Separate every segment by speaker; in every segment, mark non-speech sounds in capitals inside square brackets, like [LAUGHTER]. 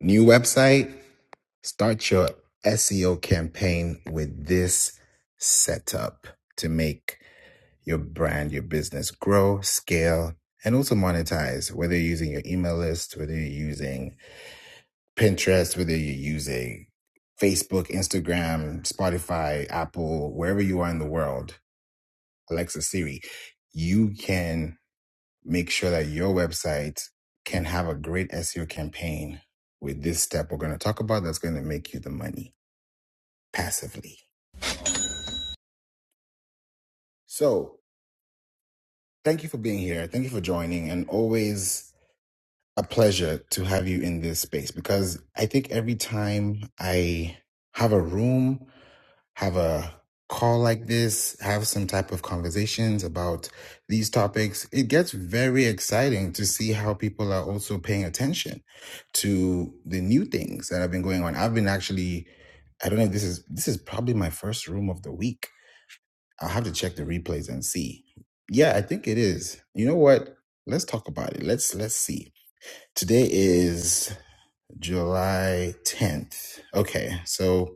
Speaker 1: New website, start your SEO campaign with this setup to make your brand, your business grow, scale, and also monetize, whether you're using your email list, whether you're using Pinterest, whether you're using Facebook, Instagram, Spotify, Apple, wherever you are in the world, Alexa, Siri, you can make sure that your website can have a great SEO campaign with this step we're going to talk about that's going to make you the money passively. So, thank you for being here. Thank you for joining. And always a pleasure to have you in this space because I think every time I have a room, have a call like this, have some type of conversations about these topics, it gets very exciting to see how people are also paying attention to the new things that have been going on. I've been actually, I don't know if this is this is probably my first room of the week. I'll have to check the replays and see. Yeah, I think it is. You know what? Let's talk about it. Let's let's see. Today is July 10th. Okay, so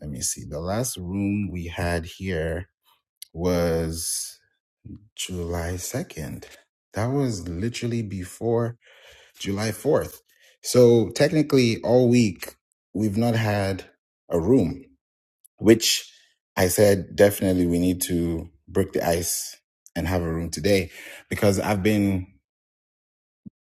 Speaker 1: let me see. The last room we had here was July 2nd. That was literally before July 4th. So technically, all week, we've not had a room, which I said definitely we need to break the ice and have a room today because I've been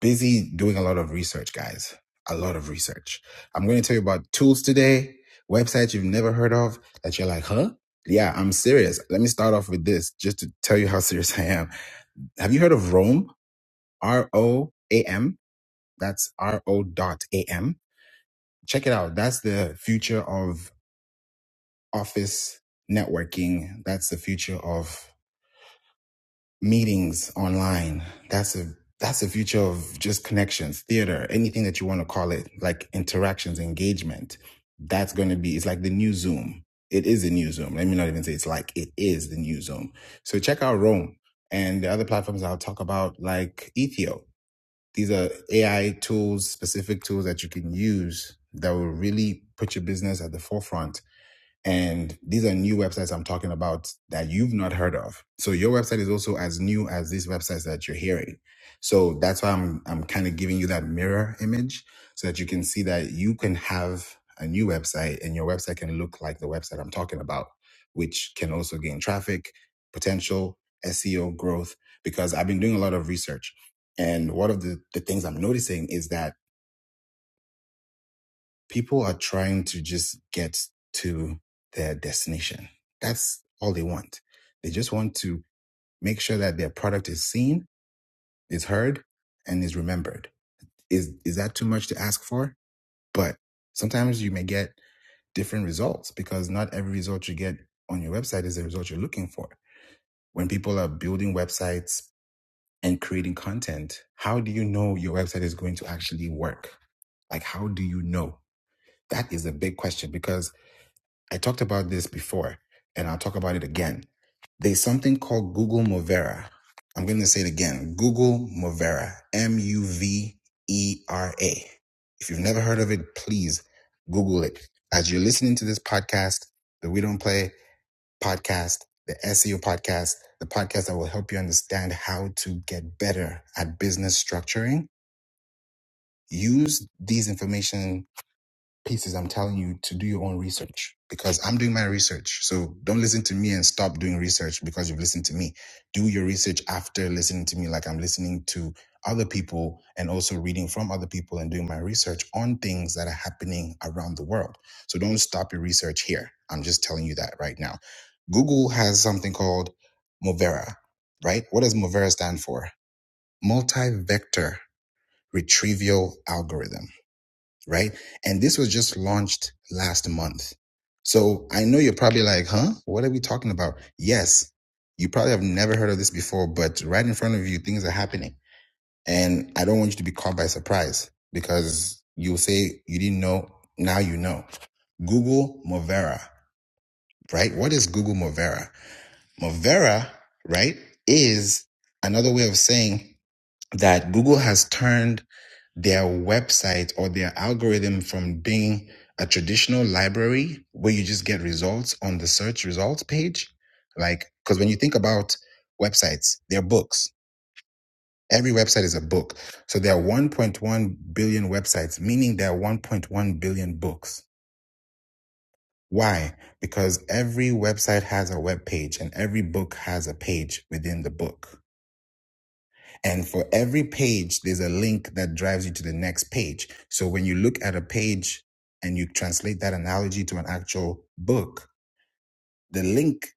Speaker 1: busy doing a lot of research, guys. A lot of research. I'm going to tell you about tools today, websites you've never heard of that you're like, huh? Yeah, I'm serious. Let me start off with this just to tell you how [LAUGHS] serious I am. Have you heard of Rome? R O A M. That's R O dot A M. Check it out. That's the future of office networking. That's the future of meetings online. That's a that's the future of just connections, theater, anything that you want to call it, like interactions, engagement. That's going to be it's like the new Zoom. It is the new Zoom. Let me not even say it's like it is the new Zoom. So check out Rome and the other platforms I'll talk about, like Ethio. These are AI tools, specific tools that you can use that will really put your business at the forefront and these are new websites I'm talking about that you've not heard of. So your website is also as new as these websites that you're hearing. So that's why I'm I'm kind of giving you that mirror image so that you can see that you can have a new website and your website can look like the website I'm talking about, which can also gain traffic, potential, SEO growth. Because I've been doing a lot of research. And one of the, the things I'm noticing is that people are trying to just get to their destination. That's all they want. They just want to make sure that their product is seen, is heard, and is remembered. Is is that too much to ask for? But sometimes you may get different results because not every result you get on your website is the result you're looking for. When people are building websites and creating content, how do you know your website is going to actually work? Like how do you know? That is a big question because I talked about this before, and I'll talk about it again. There's something called Google Movera. I'm going to say it again Google Movera, M U V E R A. If you've never heard of it, please Google it. As you're listening to this podcast, the We Don't Play podcast, the SEO podcast, the podcast that will help you understand how to get better at business structuring, use these information pieces I'm telling you to do your own research because I'm doing my research. So don't listen to me and stop doing research because you've listened to me. Do your research after listening to me, like I'm listening to other people and also reading from other people and doing my research on things that are happening around the world. So don't stop your research here. I'm just telling you that right now. Google has something called Movera, right? What does Movera stand for? Multi vector retrieval algorithm right? And this was just launched last month. So I know you're probably like, huh? What are we talking about? Yes, you probably have never heard of this before, but right in front of you, things are happening. And I don't want you to be caught by surprise because you'll say you didn't know. Now you know. Google Movera, right? What is Google Movera? Movera, right, is another way of saying that Google has turned their website or their algorithm from being a traditional library where you just get results on the search results page. Like, because when you think about websites, they're books. Every website is a book. So there are 1.1 billion websites, meaning there are 1.1 billion books. Why? Because every website has a web page and every book has a page within the book. And for every page, there's a link that drives you to the next page. So when you look at a page and you translate that analogy to an actual book, the link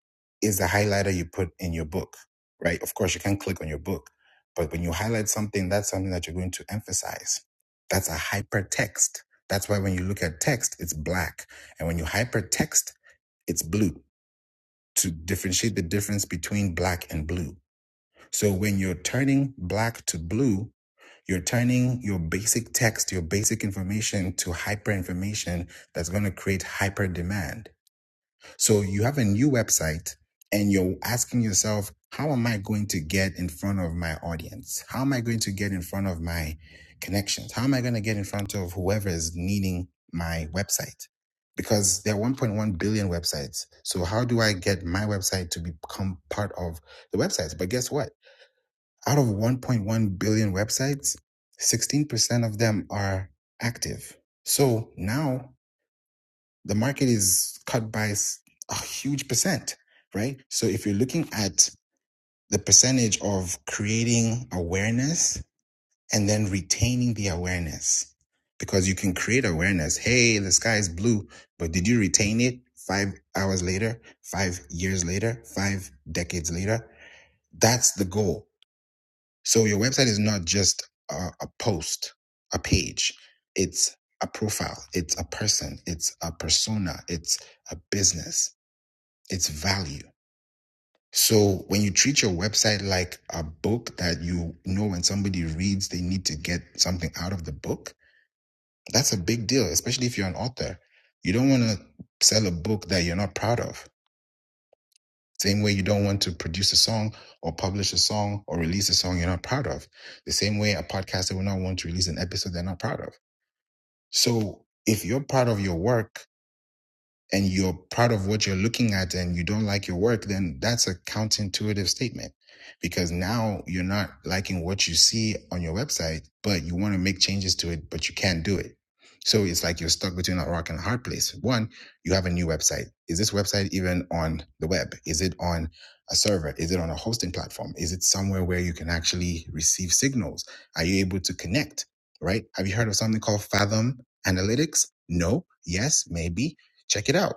Speaker 1: is the highlighter you put in your book, right? Of course, you can click on your book, but when you highlight something, that's something that you're going to emphasize. That's a hypertext. That's why when you look at text, it's black. And when you hypertext, it's blue to differentiate the difference between black and blue. So when you're turning black to blue, you're turning your basic text, your basic information to hyper information that's going to create hyper demand. So you have a new website and you're asking yourself, how am I going to get in front of my audience? How am I going to get in front of my connections? How am I going to get in front of whoever is needing my website? Because there are 1.1 billion websites. So how do I get my website to become part of the websites? But guess what? Out of 1.1 billion websites, 16% of them are active. So now the market is cut by s- a huge percent, right? So if you're looking at the percentage of creating awareness and then retaining the awareness, because you can create awareness. Hey, the sky is blue, but did you retain it five hours later, five years later, five decades later? That's the goal so your website is not just a, a post, a page. It's a profile. It's a person. It's a persona. It's a business. It's value. So when you treat your website like a book that you know when somebody reads, they need to get something out of the book, that's a big deal, especially if you're an author. You don't want to sell a book that you're not proud of Same way you don't want to produce a song or publish a song or release a song you're not proud of. The same way a podcaster will not want to release an episode they're not proud of. So if you're proud of your work and you're proud of what you're looking at and you don't like your work, then that's a counterintuitive statement because now you're not liking what you see on your website, but you want to make changes to it, but you can't do it. So it's like you're stuck between a rock and a hard place. One, you have a new website. Is this website even on the web? Is it on a server? Is it on a hosting platform? Is it somewhere where you can actually receive signals? Are you able to connect? Right? Have you heard of something called Fathom Analytics? No. Yes, maybe check it out.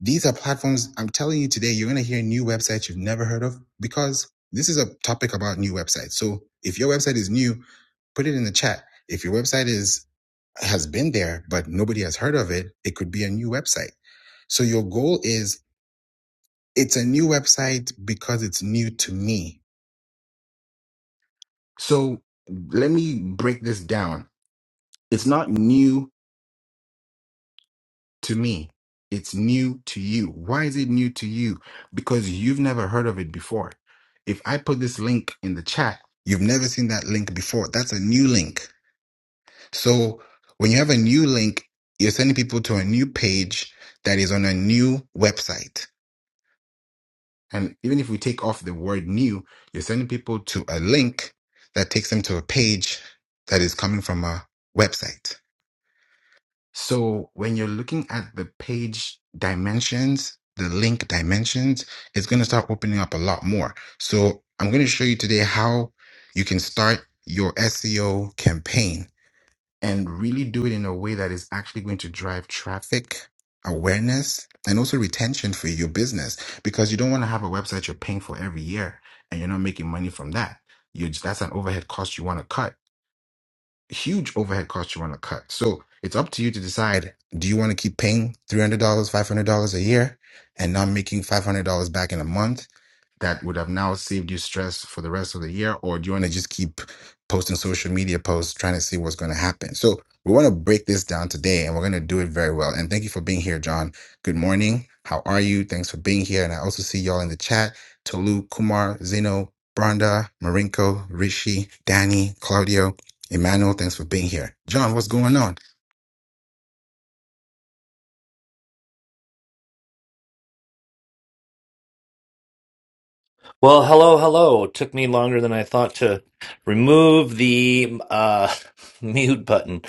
Speaker 1: These are platforms I'm telling you today, you're going to hear new websites you've never heard of because this is a topic about new websites. So if your website is new, put it in the chat. If your website is has been there but nobody has heard of it, it could be a new website. So your goal is it's a new website because it's new to me. So let me break this down. It's not new to me. It's new to you. Why is it new to you? Because you've never heard of it before. If I put this link in the chat, you've never seen that link before. That's a new link. So when you have a new link, you're sending people to a new page that is on a new website. And even if we take off the word new, you're sending people to a link that takes them to a page that is coming from a website. So when you're looking at the page dimensions, the link dimensions, it's going to start opening up a lot more. So I'm going to show you today how you can start your SEO campaign and really do it in a way that is actually going to drive traffic, awareness, and also retention for your business because you don't want to have a website you're paying for every year and you're not making money from that. You just, that's an overhead cost you want to cut huge overhead costs you want to cut. So it's up to you to decide do you want to keep paying $300, $500 a year and not making $500 back in a month? that would have now saved you stress for the rest of the year? Or do you want to just keep posting social media posts trying to see what's going to happen? So we want to break this down today and we're going to do it very well. And thank you for being here, John. Good morning. How are you? Thanks for being here. And I also see y'all in the chat. Tolu, Kumar, Zeno, Branda, Marinko, Rishi, Danny, Claudio, Emmanuel, thanks for being here. John, what's going on?
Speaker 2: Well, hello, hello. It took me longer than I thought to remove the uh, [LAUGHS] mute button.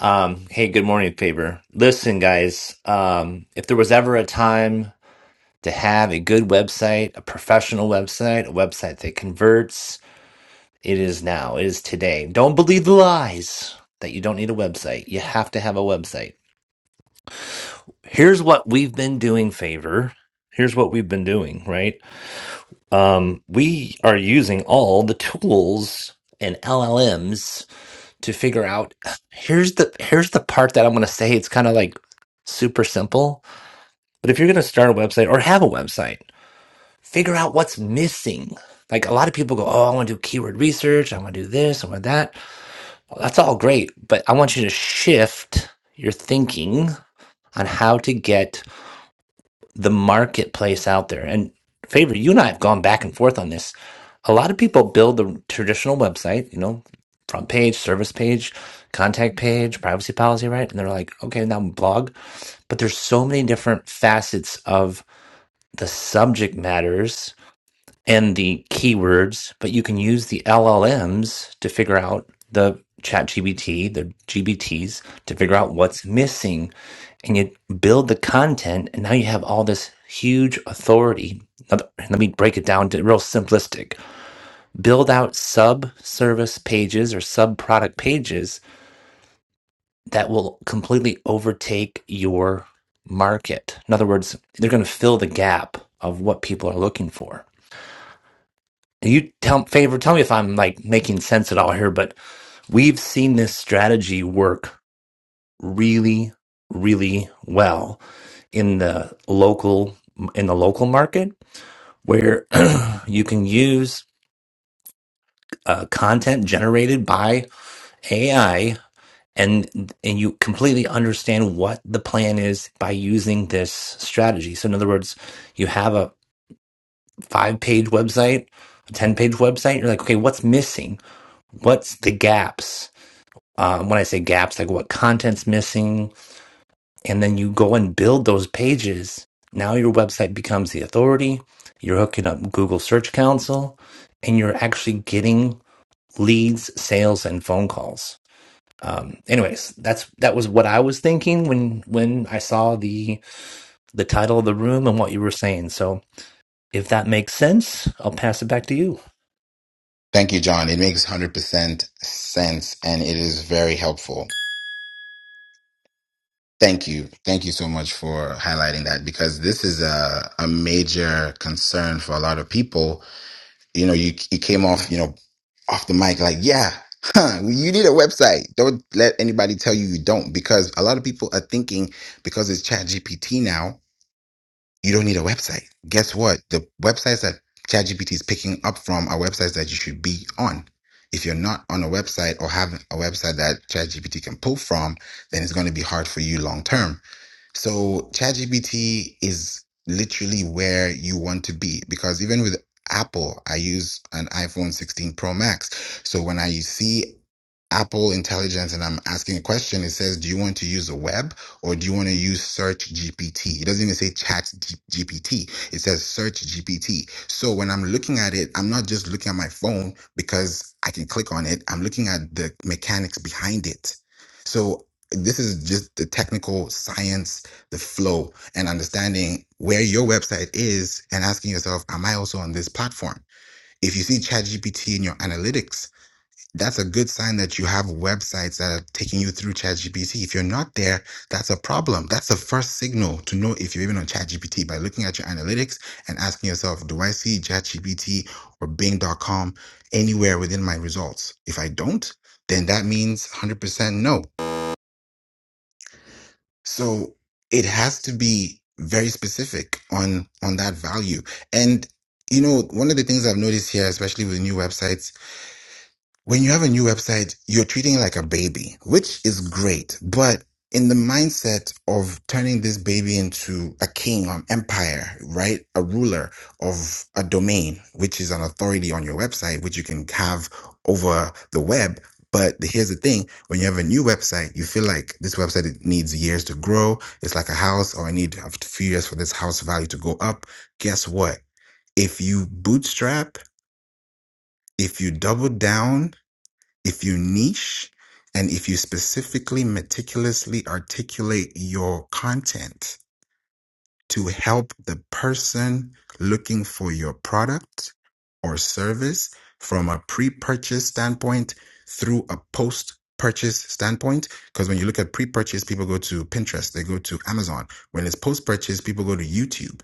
Speaker 2: Um, hey, good morning, Faber. Listen, guys, um, if there was ever a time to have a good website, a professional website, a website that converts, it is now. It is today. Don't believe the lies that you don't need a website. You have to have a website. Here's what we've been doing, Favor. Here's what we've been doing, right? um, we are using all the tools and LLMs to figure out here's the here's the part that I'm going to say it's kind of like super simple. But if you're going to start a website or have a website, figure out what's missing. Like a lot of people go, "Oh, I want to do keyword research, I want to do this, I want that." Well, That's all great, but I want you to shift your thinking on how to get the marketplace out there. And favor, you and I have gone back and forth on this. A lot of people build the traditional website, you know, front page, service page, contact page, privacy policy, right? And they're like, okay, now blog. But there's so many different facets of the subject matters and the keywords, but you can use the LLMs to figure out the chat GBT, the GBTs to figure out what's missing. And you build the content, and now you have all this huge authority. Now, Let me break it down to real simplistic. Build out sub service pages or sub product pages that will completely overtake your market. In other words, they're going to fill the gap of what people are looking for you tell favor tell me if i'm like making sense at all here but we've seen this strategy work really really well in the local in the local market where [CLEARS THROAT] you can use uh, content generated by ai and and you completely understand what the plan is by using this strategy so in other words you have a five page website a 10 page website you're like okay what's missing what's the gaps um, when I say gaps, like what content's missing, and then you go and build those pages. Now your website becomes the authority. You're hooking up Google Search Council, and you're actually getting leads, sales, and phone calls. Um, anyways, that's that was what I was thinking when when I saw the the title of the room and what you were saying. So if that makes sense, I'll pass it back to you.
Speaker 1: Thank you, John. It makes 100% sense and it is very helpful. Thank you. Thank you so much for highlighting that because this is a, a major concern for a lot of people. You know, you, you came off, you know, off the mic like, yeah, huh, you need a website. Don't let anybody tell you you don't because a lot of people are thinking because it's ChatGPT now, you don't need a website. Guess what? The websites that ChatGPT is picking up from are websites that you should be on. If you're not on a website or have a website that ChatGPT can pull from, then it's going to be hard for you long term so ChatGPT is literally where you want to be because even with Apple, I use an iPhone 16 Pro Max. So when I see Apple Intelligence and I'm asking a question, it says, Do you want to use the web or do you want to use Search GPT? It doesn't even say Chat G- GPT, it says Search GPT. So when I'm looking at it, I'm not just looking at my phone because I can click on it, I'm looking at the mechanics behind it. So this is just the technical science, the flow, and understanding where your website is and asking yourself, Am I also on this platform? If you see Chat GPT in your analytics, that's a good sign that you have websites that are taking you through ChatGPT. If you're not there, that's a problem. That's the first signal to know if you're even on ChatGPT by looking at your analytics and asking yourself, do I see ChatGPT or Bing.com anywhere within my results? If I don't, then that means 100% no. So it has to be very specific on on that value. And you know, one of the things I've noticed here, especially with new websites when you have a new website, you're treating it like a baby, which is great. But in the mindset of turning this baby into a king, an empire, right? A ruler of a domain, which is an authority on your website, which you can have over the web. But here's the thing when you have a new website, you feel like this website needs years to grow. It's like a house, or I need a few years for this house value to go up. Guess what? If you bootstrap, if you double down, if you niche and if you specifically meticulously articulate your content, to help the person looking for your product or service from a pre-purchase standpoint through a post-purchase standpoint because when you look at pre-purchase people go to Pinterest they go to Amazon when it's post-purchase people go to YouTube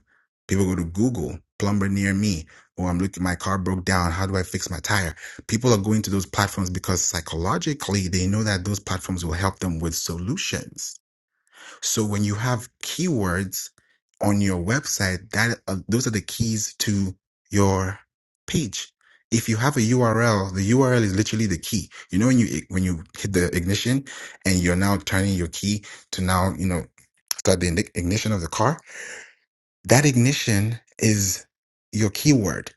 Speaker 1: people go to Google plumber near me or I'm looking my car broke down how do I fix my tire people are going to those platforms because psychologically they know that those platforms will help them with solutions so when you have keywords on your website, that uh, those are the keys to your page. If you have a URL, the URL is literally the key. You know when you when you hit the ignition and you're now turning your key to now you know start the igni- ignition of the car. That ignition is your keyword.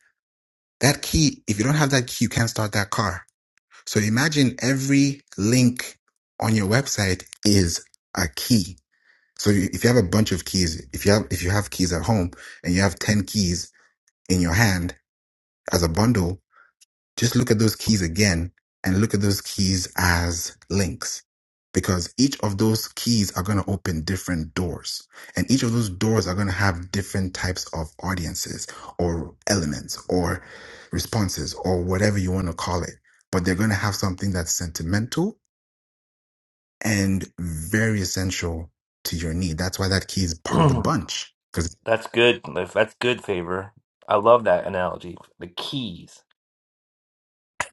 Speaker 1: That key. If you don't have that key, you can't start that car. So imagine every link on your website is a key so you- if you have a bunch of keys, if you have if you have keys at home and you have 10 keys in your hand as a bundle, just look at those keys again and look at those keys as links because each of those keys are going to open different doors and each of those doors are going to have different types of audiences or elements or responses or whatever you want to call it, but they're going to have something that's sentimental and very essential to your need. That's why that key is part of the
Speaker 2: [CLEARS THROAT]
Speaker 1: bunch because.
Speaker 2: That's good. That's good favor. I love that analogy. The keys.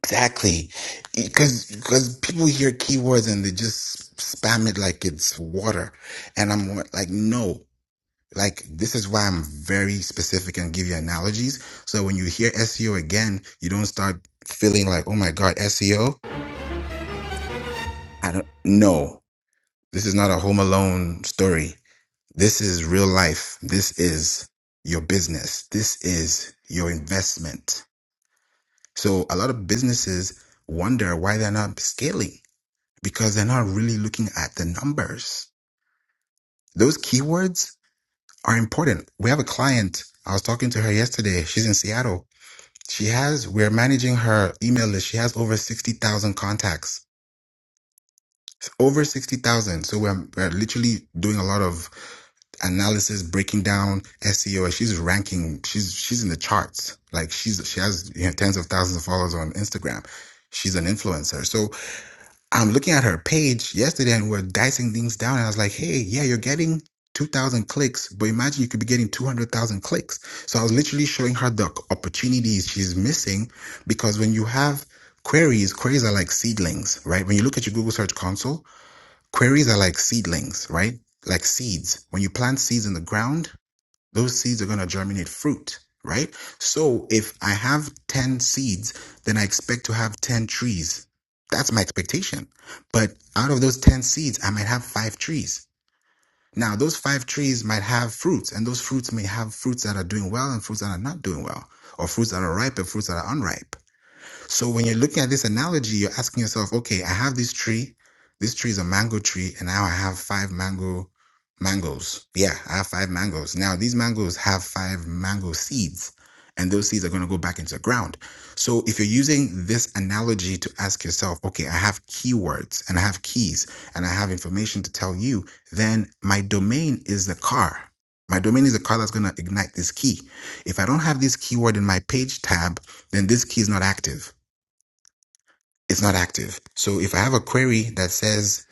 Speaker 1: Exactly, because because people hear keywords and they just spam it like it's water, and I'm like, no, like this is why I'm very specific and give you analogies. So when you hear SEO again, you don't start feeling like, oh my god, SEO. I don't. No, this is not a Home Alone story. This is real life. This is your business. This is your investment. So a lot of businesses wonder why they're not scaling because they're not really looking at the numbers. Those keywords are important. We have a client. I was talking to her yesterday. She's in Seattle. She has, we're managing her email list. She has over 60,000 contacts. Over 60,000. So we're, we're literally doing a lot of analysis, breaking down SEO. And she's ranking. She's, she's in the charts. Like she's, she has you know, tens of thousands of followers on Instagram. She's an influencer. So I'm looking at her page yesterday and we're dicing things down. And I was like, hey, yeah, you're getting 2,000 clicks, but imagine you could be getting 200,000 clicks. So I was literally showing her the opportunities she's missing because when you have queries, queries are like seedlings, right? When you look at your Google Search Console, queries are like seedlings, right? Like seeds. When you plant seeds in the ground, those seeds are going to germinate fruit, right? So if I have 10 seeds, then I expect to have 10 trees. That's my expectation. But out of those 10 seeds, I might have five trees. Now, those five trees might have fruits, and those fruits may have fruits that are doing well and fruits that are not doing well, or fruits that are ripe and fruits that are unripe. So when you're looking at this analogy, you're asking yourself, okay, I have this tree. This tree is a mango tree, and now I have five mango mangoes. Yeah, I have five mangoes. Now these mangoes have five mango seeds, and those seeds are going to go back into the ground. So if you're using this analogy to ask yourself, okay, I have keywords and I have keys and I have information to tell you, then my domain is the car. My domain is the car that's going to ignite this key. If I don't have this keyword in my page tab, then this key is not active it's not active. So if I have a query that says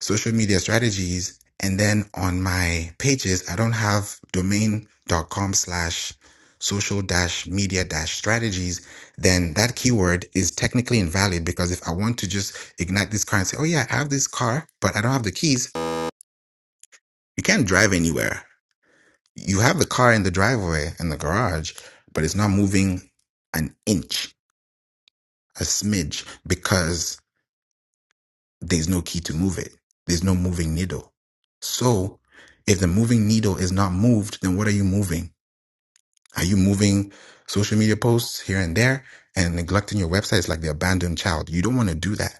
Speaker 1: social media strategies, and then on my pages, I don't have domain.com slash social dash media dash strategies, then that keyword is technically invalid because if I want to just ignite this car and say, oh yeah, I have this car, but I don't have the keys, you can't drive anywhere. You have the car in the driveway in the garage, but it's not moving an inch, a smidge, because there's no key to move it. There's no moving needle. So if the moving needle is not moved, then what are you moving? Are you moving social media posts here and there and neglecting your website? It's like the abandoned child. You don't want to do that.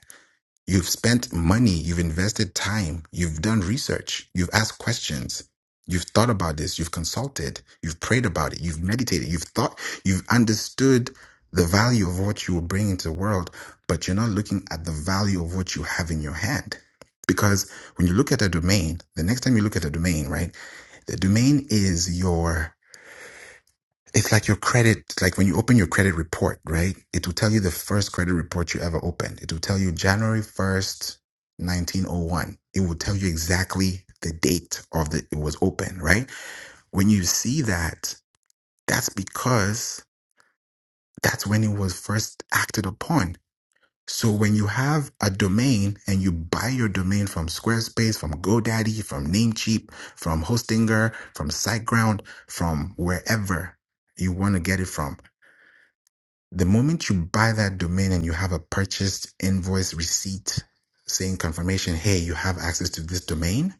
Speaker 1: You've spent money, you've invested time, you've done research, you've asked questions, you've thought about this, you've consulted, you've prayed about it, you've meditated, you've thought, you've understood the value of what you will bring into the world, but you're not looking at the value of what you have in your hand. Because when you look at a domain, the next time you look at a domain, right, the domain is your it's like your credit, like when you open your credit report, right? It will tell you the first credit report you ever opened. It will tell you January 1st, 1901. It will tell you exactly the date of the it was open, right? When you see that, that's because that's when it was first acted upon. So when you have a domain and you buy your domain from Squarespace, from GoDaddy, from Namecheap, from Hostinger, from SiteGround, from wherever you want to get it from The moment you buy that domain and you have a purchased invoice receipt saying confirmation, hey, you have access to this domain,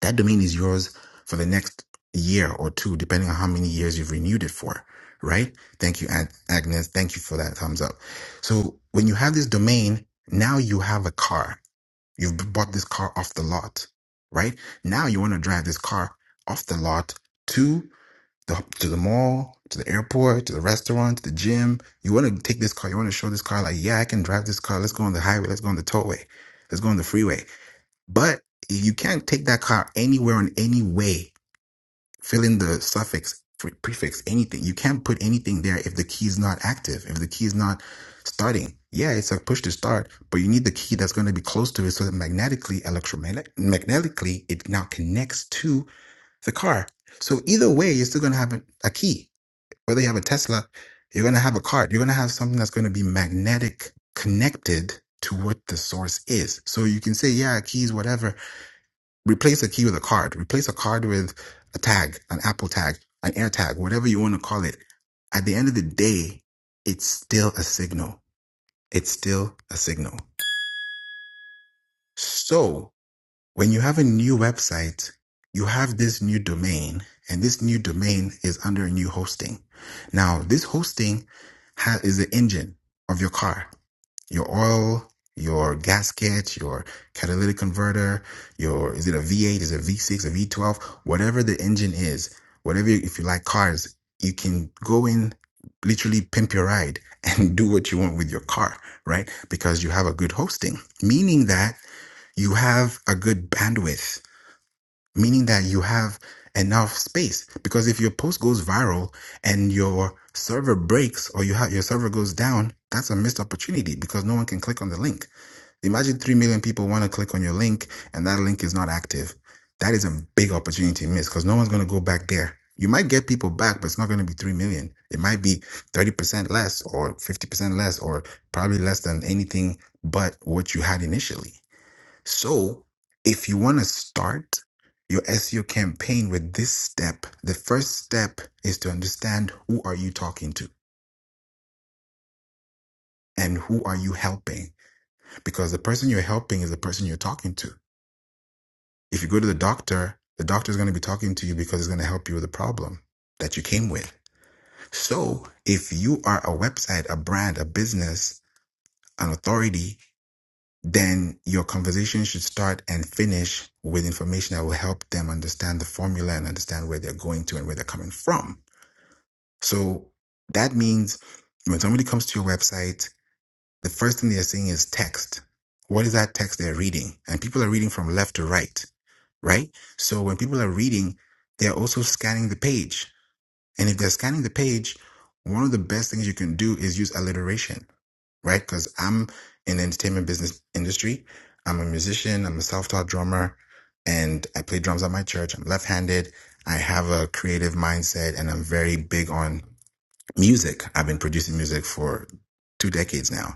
Speaker 1: that domain is yours for the next year or two, depending on how many years you've renewed it for, right? Thank you, Ag- Agnes. Thank you for that thumbs up. So when you have this domain, now you have a car. You've bought this car off the lot, right? Now you want to drive this car off the lot to the, to the mall, to the airport, to the restaurant, to the gym. You want to take this car. You want to show this car, like, yeah, I can drive this car. Let's go on the highway. Let's go on the tollway. Let's go on the freeway. But you can't take that car anywhere in any way, fill in the suffix, pre- prefix, anything. You can't put anything there if the key is not active, if the key is not starting. Yeah, it's a push to start, but you need the key that's going to be close to it so that magnetically, electromagnetically, it now connects to the car. So either way, you're still going to have a a key whether you have a Tesla, you're going to have a card. You're going to have something that's going to be magnetic connected to what the source is. So you can say, yeah, keys, whatever. Replace a key with a card. Replace a card with a tag, an Apple tag, an air tag, whatever you want to call it. At the end of the day, it's still a signal. It's still a signal. So. when you have a new website, you have this new domain, and this new domain is under a new hosting. Now, this hosting ha- is the engine of your car, your oil, your gasket, your catalytic converter, your is it a V8, is it a V6, a V12, whatever the engine is, whatever you, if you like cars, you can go in literally pimp your ride [LAUGHS] and do what you want with your car, right? Because you have a good hosting, meaning that you have a good bandwidth, meaning that you have enough space. Because if your post goes viral and your server breaks or you have your server goes down, that's a missed opportunity because no one can click on the link. Imagine 3 million people want to click on your link and that link is not active. That is a big opportunity missed because no one's going to go back there. You might get people back, but it's not going to be 3 million. It might be 30% less or 50% less or probably less than anything but what you had initially. So, if you want to start your SEO campaign with this step, the first step is to understand who are you talking to and who are you helping? Because the person you're helping is the person you're talking to. If you go to the doctor, the doctor is going to be talking to you because it's going to help you with the problem that you came with. So, if you are a website, a brand, a business, an authority, then your conversation should start and finish with information that will help them understand the formula and understand where they're going to and where they're coming from. So that means when somebody comes to your website, the first thing they're seeing is text. What is that text they're reading? And people are reading from left to right, right? So when people are reading, they're also scanning the page. And if they're scanning the page, one of the best things you can do is use alliteration right? Because I'm in the entertainment business industry. I'm a musician. I'm a self-taught drummer, and I play drums at my church. I'm left-handed. I have a creative mindset, and I'm very big on music. I've been producing music for two decades now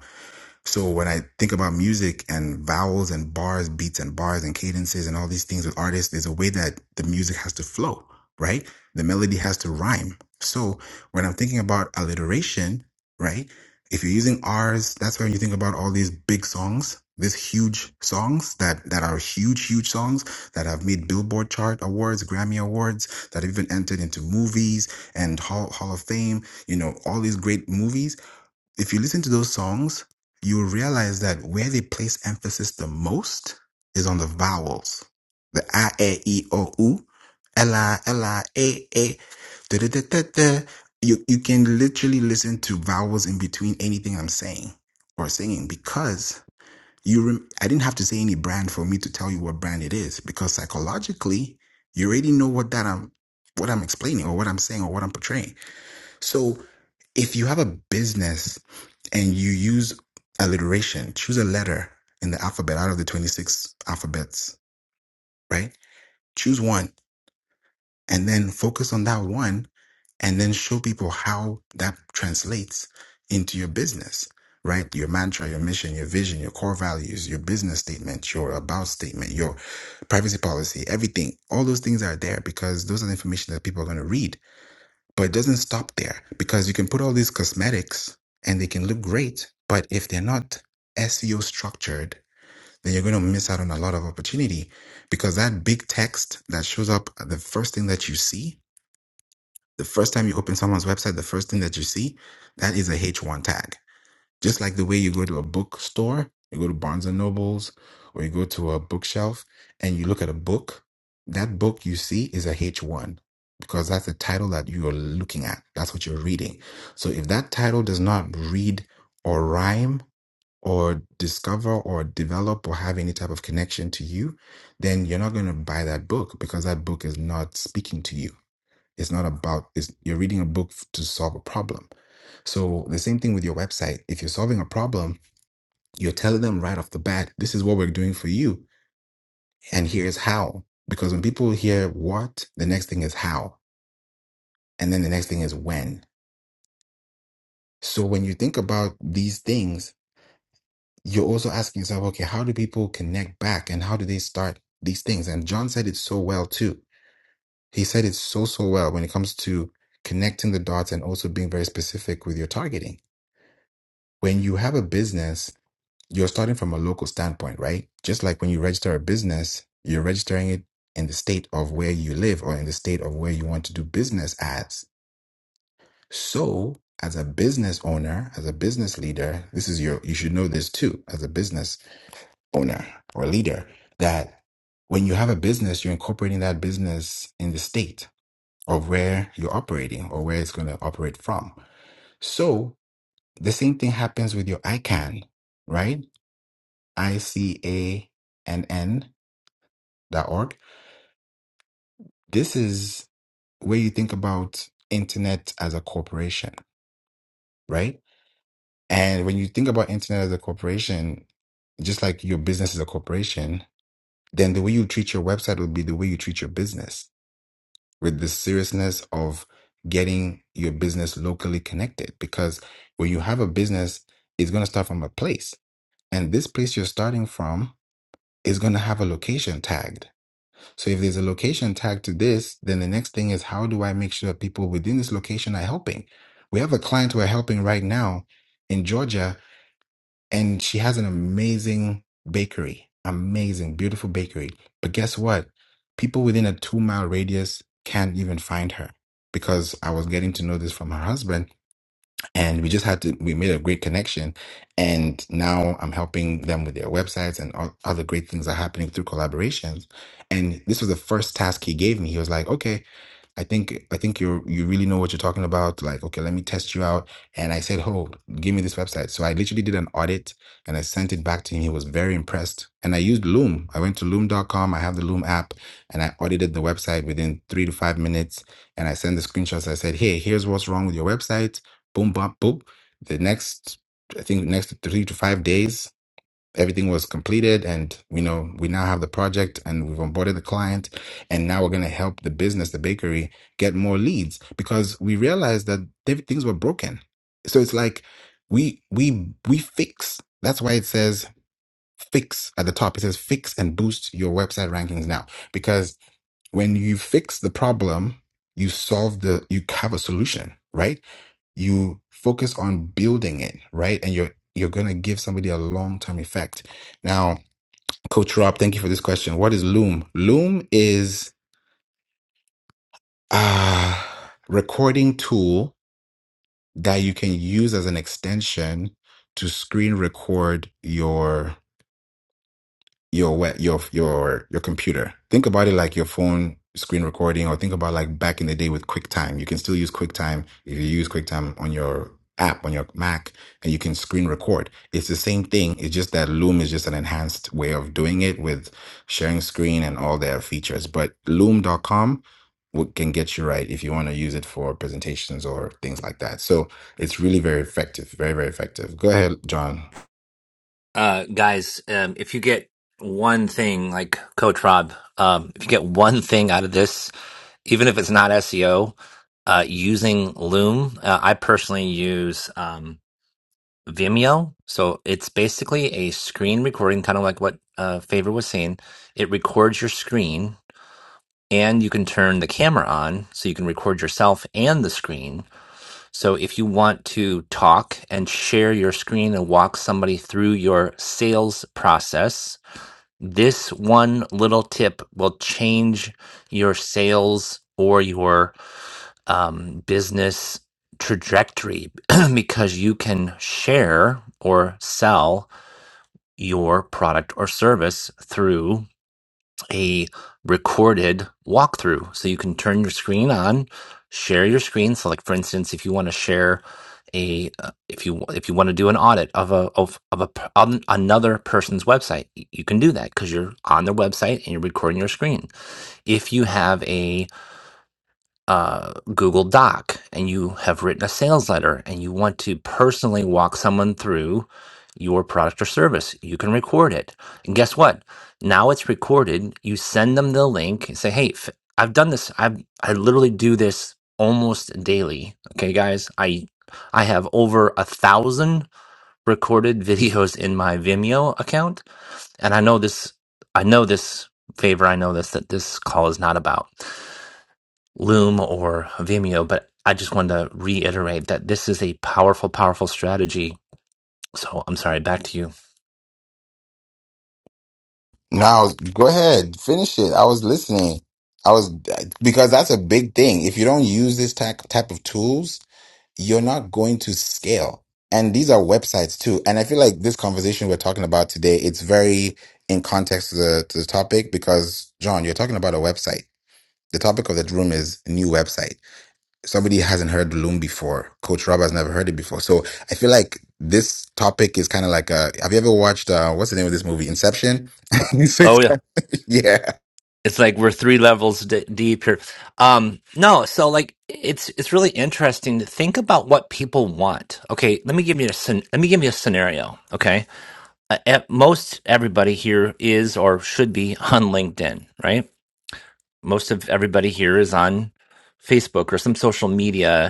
Speaker 1: so when I think about music and vowels and bars, beats and bars and cadences and all these things with artists, there's a way that the music has to flow, right? The melody has to rhyme. So when I'm thinking about alliteration, right? If you're using R's, that's when you think about all these big songs, these huge songs that, that are huge, huge songs that have made Billboard chart awards, Grammy awards, that have even entered into movies and Hall, Hall of Fame, you know, all these great movies if you listen to those songs, you'll realize that where they place emphasis the most is on the vowels. The I, A, E, i, O, U, L, I, L, I, A, A, da, da, da, da, da. You, you can literally listen to vowels in between anything I'm saying or singing because you, rem- I didn't have to say any brand for me to tell you what brand it is because psychologically, you already know what that I'm, what I'm explaining or what I'm saying or what I'm portraying. So if you have a business and you use alliteration, choose a letter in the alphabet out of the 26 alphabets, right? Choose one and then focus on that one and then show people how that translates into your business, right? Your mantra, your mission, your vision, your core values, your business statement, your about statement, your privacy policy, everything. All those things are there because those are the information that people are going to read but it doesn't stop there because you can put all these cosmetics and they can look great, but if they're not SEO structured, then you're going to miss out on a lot of opportunity because that big text that shows up the first thing that you see, the first time you open someone's website, the first thing that you see, that is a H1 tag just like the way you go to a bookstore, you go to Barnes and Nobles, or you go to a bookshelf and you look at a book, that book you see is a H1 because that's the title that you are looking at. That's what you're reading. So if that title does not read or rhyme or discover or develop or have any type of connection to you, then you're not going to buy that book because that book is not speaking to you. It's not about, it's, you're reading a book to solve a problem. So the same thing with your website. If you're solving a problem, you're telling them right off the bat, this is what we're doing for you. And here's how. Because when people hear what, the next thing is how. And then the next thing is when. So when you think about these things, you're also asking yourself, okay, how do people connect back and how do they start these things? And John said it so well too. He said it so, so well when it comes to connecting the dots and also being very specific with your targeting. When you have a business you're starting from a local standpoint, right? Just like when you register a business, you're registering it in the state of where you live or in the state of where you want to do business as. So, as a business owner, as a business leader, this is your, you should know this too, as a business owner or leader, that when you have a business, you're incorporating that business in the state of where you're operating or where it's going to operate from. So, the same thing happens with your ICANN, right? I C A N N dot org. This is where you think about internet as a corporation, right? And when you think about internet as a corporation, just like your business is a corporation, then the way you treat your website will be the way you treat your business with the seriousness of getting your business locally connected. Because when you have a business, it's going to start from a place. And this place you're starting from is going to have a location tagged So if there's a location tag to this, then the next thing is how do I make sure people within this location are helping? We have a client we're helping right now in Georgia, and she has an amazing bakery, amazing, beautiful bakery. But guess what? People within a two mile radius can't even find her because I was getting to know this from her husband and we just had to we made a great connection and now i'm helping them with their websites and all other great things are happening through collaborations and this was the first task he gave me he was like okay I think I think you you really know what you're talking about. Like, okay, let me test you out. And I said, oh, give me this website. So I literally did an audit and I sent it back to him. He was very impressed. And I used Loom. I went to Loom.com. I have the Loom app, and I audited the website within three to five minutes. And I sent the screenshots. I said, hey, here's what's wrong with your website. Boom, bop, boop. The next, I think, next three to five days everything was completed and you know we now have the project and we've onboarded the client and now we're going to help the business the bakery get more leads because we realized that diff- things were broken so it's like we we we fix that's why it says fix at the top it says fix and boost your website rankings now because when you fix the problem you solve the you have a solution right you focus on building it right and you're you're going to give somebody a long-term effect now Coach Rob, thank you for this question. What is Loom? Loom is a recording tool that you can use as an extension to screen record your your we- your your your computer. Think about it like your phone screen recording, or think about like back in the day with QuickTime. You can still use QuickTime if you use QuickTime on your app on your Mac, and you can screen record. It's the same thing. It's just that Loom is just an enhanced way of doing it with sharing screen and all their features. But Loom.com w- can get you right if you want to use it for presentations or things like that. So it's really very effective. Very very effective. Go ahead, John.
Speaker 2: uh, guys, um, if you get one thing, like Coach Rob, um, if you get one thing out of this, even if it's not SEO, uh, using Loom, uh, I personally use um, Vimeo. So it's basically a screen recording, kind of like what uh, Favor was saying. It records your screen. And you can turn the camera on so you can record yourself and the screen. So if you want to talk and share your screen and walk somebody through your sales process, this one little tip will change your sales or your um, business trajectory [CLEARS THROAT] because you can share or sell your product or service through a recorded walkthrough. So you can turn your screen on, share your screen. So, like for instance, if you want to share a, uh, if you if you want to do an audit of a of of a p- on another person's website, y- you can do that because you're on their website and you're recording your screen. If you have a uh, Google Doc and you have written a sales letter and you want to personally walk someone through your product or service, you can record it. And guess what? Now it's recorded. You send them the link and say, "Hey, f- I've done this. I I literally do this almost daily." Okay, guys, I I have over a thousand recorded videos in my Vimeo account, and I know this. I know this favor. I know this that this call is not about. Loom or Vimeo, but I just wanted to reiterate that this is a powerful, powerful strategy. So I'm sorry, back to you.
Speaker 1: No, go ahead, finish it. I was listening. I was because that's a big thing. If you don't use this type type of tools, you're not going to scale. And these are websites too. And I feel like this conversation we're talking about today, it's very in context to the to the topic because John, you're talking about a website. The topic of the room is new website somebody hasn't heard Loom before. Coach Rob has never heard it before. So I feel like this topic is kind of like a. Have you ever watched uh, what's the name of this movie? Inception. [LAUGHS] So it's
Speaker 2: Oh yeah,
Speaker 1: kind of- [LAUGHS] yeah,
Speaker 2: it's like we're three levels d- deep here. Um, no, so like it's it's really interesting to think about what people want. Okay, let me give you a scen- let me give you a scenario. Okay, uh, at most everybody here is or should be on LinkedIn, right? Most of everybody here is on Facebook or some social media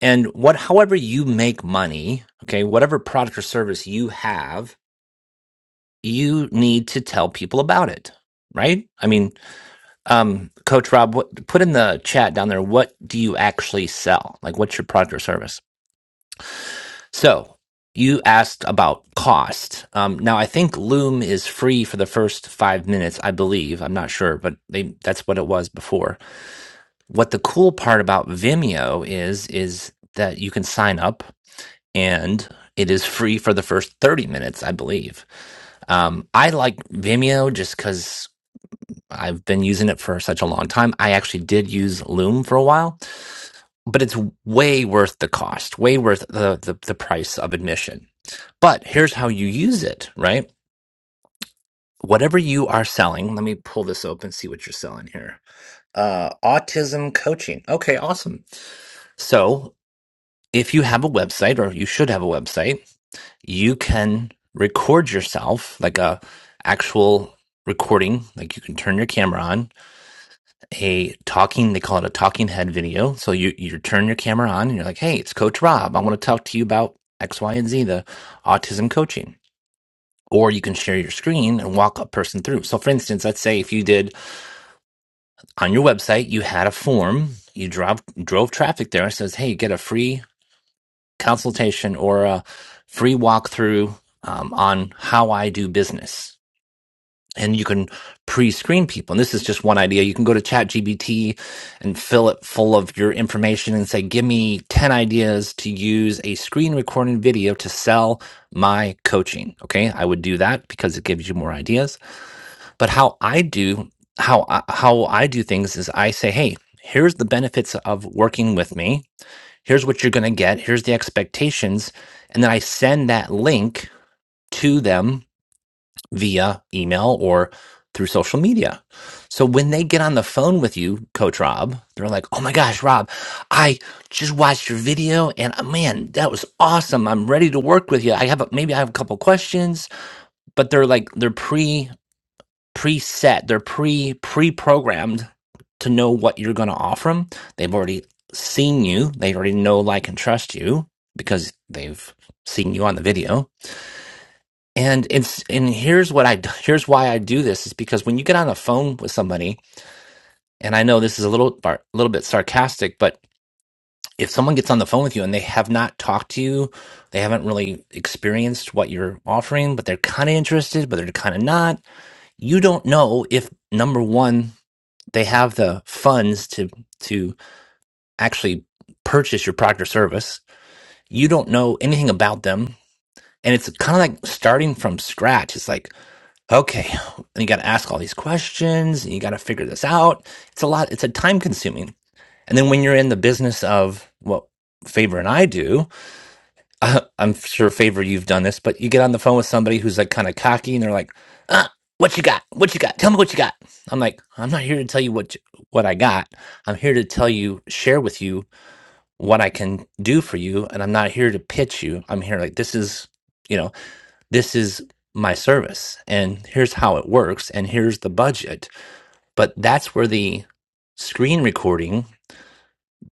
Speaker 2: And what, however you make money, okay, whatever product or service you have, you need to tell people about it, right? I mean, um, Coach Rob, what, put in the chat down there, what do you actually sell? Like, what's your product or service? So you asked about cost. Um, now, I think Loom is free for the first five minutes, I believe. I'm not sure, but they, that's what it was before. What the cool part about Vimeo is, is that you can sign up and it is free for the first 30 minutes, I believe. Um, I like Vimeo just because I've been using it for such a long time. I actually did use Loom for a while, but it's way worth the cost, way worth the, the, the price of admission. But here's how you use it, right? Whatever you are selling, let me pull this open, see what you're selling here. Uh, autism coaching. Okay, awesome. So if you have a website, or you should have a website, you can record yourself like a actual recording like you can turn your camera on a talking they call it a talking head video so you you turn your camera on and you're like hey it's coach rob i want to talk to you about x y and z the autism coaching or you can share your screen and walk a person through so for instance let's say if you did on your website you had a form you drove drove traffic there it says hey get a free consultation or a free walkthrough um, on how i do business and you can pre-screen people. And this is just one idea. You can go to ChatGPT and fill it full of your information and say, "Give me 10 ideas to use a screen recording video to sell my coaching." Okay? I would do that because it gives you more ideas. But how I do how I, how I do things is I say, "Hey, here's the benefits of working with me. Here's what you're going to get. Here's the expectations." And then I send that link to them via email or through social media. So when they get on the phone with you, Coach Rob, they're like, oh my gosh, Rob, I just watched your video and uh, man, that was awesome. I'm ready to work with you. I have a, maybe I have a couple questions, but they're like, they're pre preset, they're pre pre programmed to know what you're going to offer them. They've already seen you, they already know, like, and trust you because they've seen you on the video and it's and here's what I [LAUGHS] here's why I do this is because when you get on the phone with somebody, and I know this is a little a little bit sarcastic, but if someone gets on the phone with you and they have not talked to you, they haven't really experienced what you're offering, but they're kind of interested, but they're kind of not. You don't know if number one they have the funds to to actually purchase your product or service. You don't know anything about them, and it's kind of like starting from scratch. It's like okay, and you got to ask all these questions and you got to figure this out. It's a lot, it's a time consuming. And then when you're in the business of what Favor and I do, [LAUGHS] uh, I'm sure Favor, you've done this, but you get on the phone with somebody who's like kind of cocky and they're like, uh, what you got? What you got? Tell me what you got. I'm like, I'm not here to tell you what you, what I got. I'm here to tell you, share with you what I can do for you, and I'm not here to pitch you. I'm here like this is, you know this is my service and here's how it works and here's the budget but that's where the screen recording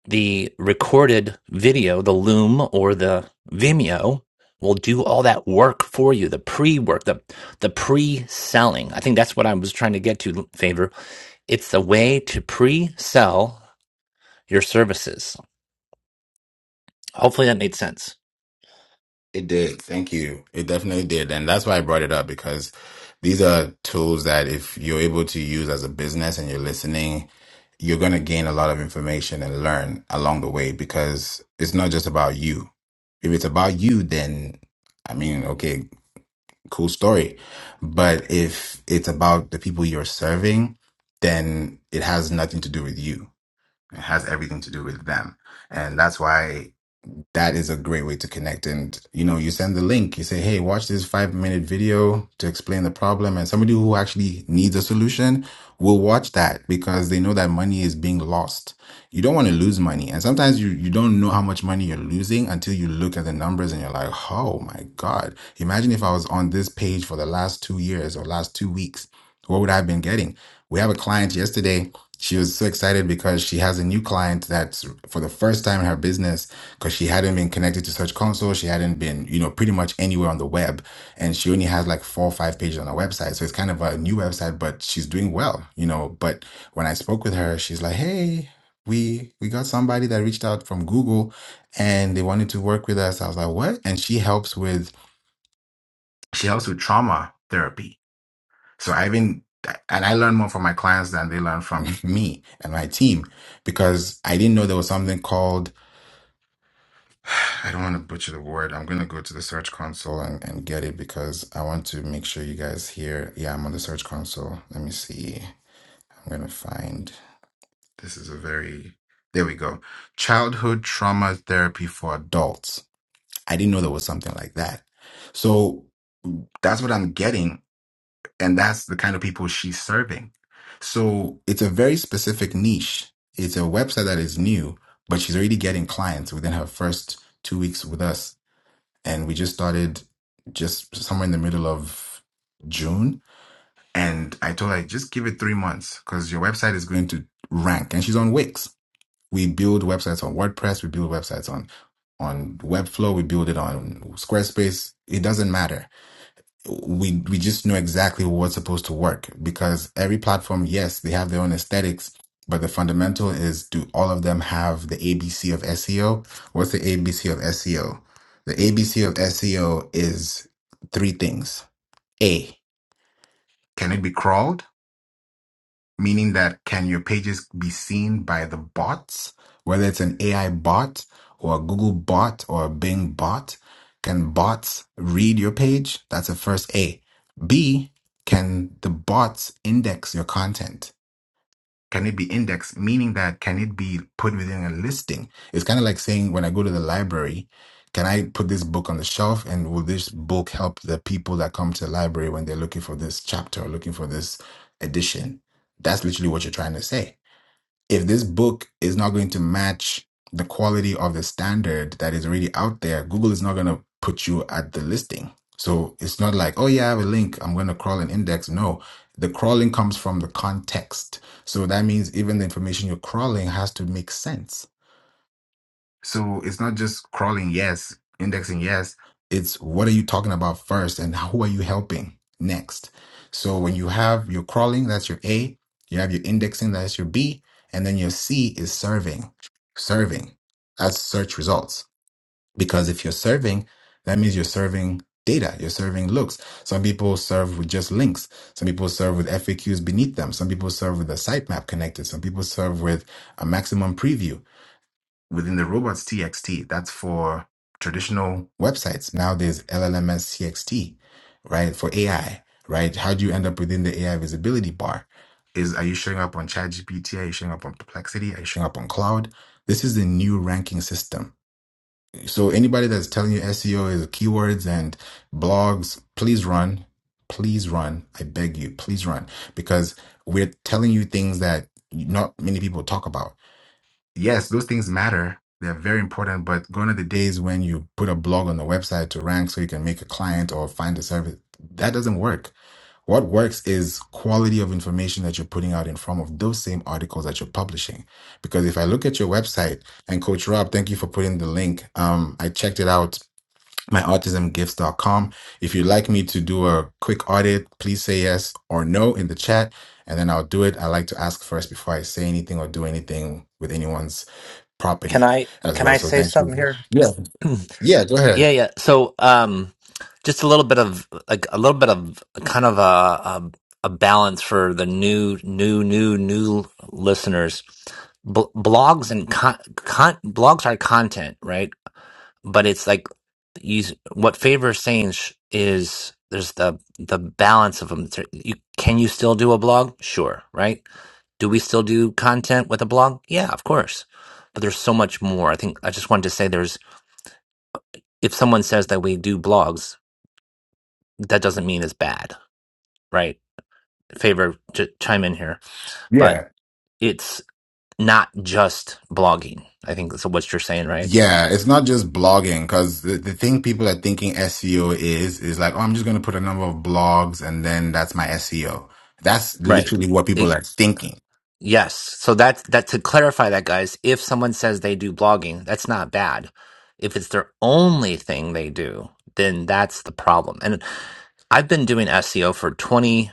Speaker 2: the recorded video the loom or the vimeo will do all that work for you the pre-work the the pre-selling i think that's what i was trying to get to favor it's a way to pre-sell your services hopefully that made sense
Speaker 1: it did. Thank you. It definitely did, and that's why I brought it up because these are tools that if you're able to use as a business and you're listening. You're going to gain a lot of information and learn along the way because it's not just about you. If it's about you, then I mean, okay, cool story. But if it's about the people you're serving, then it has nothing to do with you. It has everything to do with them. And that's why that is a great way to connect. And, you know, you send the link, you say, hey, watch this five minute video to explain the problem. And somebody who actually needs a solution will watch that because they know that money is being lost. You don't want to lose money. And sometimes you, you don't know how much money you're losing until you look at the numbers and you're like, oh my God, imagine if I was on this page for the last two years or last two weeks. What would I have been getting? We have a client yesterday. She was so excited because she has a new client that's for the first time in her business because she hadn't been connected to Search Console. She hadn't been, you know, pretty much anywhere on the web. And she only has like four or five pages on her website. So it's kind of a new website, but she's doing well, you know. But when I spoke with her, she's like, hey, we we got somebody that reached out from Google and they wanted to work with us. I was like, what? And she helps with she helps with trauma therapy so I've been, and I learn more from my clients than they learn from [LAUGHS] me and my team because I didn't know there was something called, [SIGHS] I don't want to butcher the word. I'm going to go to the Search Console and, and get it because I want to make sure you guys hear. Yeah, I'm on the Search Console. Let me see. I'm going to find, this is a very, there we go. Childhood trauma therapy for adults. I didn't know there was something like that. So that's what I'm getting And that's the kind of people she's serving. So it's a very specific niche. It's a website that is new, but she's already getting clients within her first two weeks with us. And we just started just somewhere in the middle of June. And I told her, like, just give it three months because your website is going to rank. And she's on Wix. We build websites on WordPress. We build websites on, on Webflow. We build it on Squarespace. It doesn't matter we we just know exactly what's supposed to work because every platform, yes, they have their own aesthetics, but the fundamental is do all of them have the ABC of SEO? What's the ABC of SEO? The ABC of SEO is three things. A, can it be crawled? meaning that can your pages be seen by the bots, whether it's an AI bot or a Google bot or a Bing bot? Can bots read your page? That's the first A. B, can the bots index your content? Can it be indexed? Meaning that can it be put within a listing? It's kind of like saying when I go to the library, can I put this book on the shelf and will this book help the people that come to the library when they're looking for this chapter or looking for this edition? That's literally what you're trying to say if this book is not going to match the quality of the standard that is already out there, Google is not going to put you at the listing. So it's not like, oh, yeah, I have a link. I'm going to crawl an index. No, the crawling comes from the context. So that means even the information you're crawling has to make sense. So it's not just crawling yes, indexing yes. It's what are you talking about first and who are you helping next? So when you have your crawling, that's your A, you have your indexing, that's your B, and then your C is serving. Serving. That's search results. Because if you're serving, that means you're serving data, you're serving looks. Some people serve with just links. Some people serve with FAQs beneath them. Some people serve with a sitemap connected. Some people serve with a maximum preview within the robots.txt, That's for traditional websites. Now there's LLMS TXT, right? For AI, right? How do you end up within the AI visibility bar? Is are you showing up on ChatGPT? Are you showing up on Perplexity? Are you showing up on Cloud? This is the new ranking system. So anybody that's telling you SEO is keywords and blogs, please run. Please run. I beg you, please run. Because we're telling you things that not many people talk about yes, those things matter. They're very important, but gone are the days when you put a blog on the website to rank so you can make a client or find a service. That doesn't work. What works is quality of information that you're putting out in form of those same articles that you're publishing. Because if I look at your website and Coach Rob, thank you for putting the link. Um, I checked it out, myautismgifts.com. If you'd like me to do a quick audit, please say yes or no in the chat, and then I'll do it. I like to ask first before I say anything or do anything with anyone's
Speaker 2: Can
Speaker 1: property
Speaker 2: I
Speaker 1: as
Speaker 2: can
Speaker 1: well.
Speaker 2: I
Speaker 1: So
Speaker 2: say
Speaker 1: thank you.
Speaker 2: something here?
Speaker 1: Yeah.
Speaker 2: [CLEARS THROAT]
Speaker 1: Yeah. Go ahead.
Speaker 2: Yeah, yeah. So, um, just a little bit of like a little bit of kind of a, a a balance for the new, new, new, new listeners. B- blogs and con- con- blogs are content, right? But it's like you. What favor saying is there's the the balance of them. You, can you still do a blog? Sure, right? Do we still do content with a blog? Yeah, of course. But there's so much more. I think I just wanted to say there's if someone says that we do blogs that doesn't mean it's bad, right? Favor ch- chime in here, but
Speaker 1: Yeah.
Speaker 2: it's not just blogging. I think that's what you're saying, right?
Speaker 1: Yeah. It's not just blogging because the, the thing people are thinking SEO is, is like, oh, I'm just going to put a number of blogs and then that's my SEO. That's
Speaker 2: Right.
Speaker 1: literally what
Speaker 2: It,
Speaker 1: people are thinking.
Speaker 2: yes. So that's that to clarify that, guys. If someone says they do blogging, that's not bad. If it's their only thing they do, then that's the problem. And I've been doing SEO for 20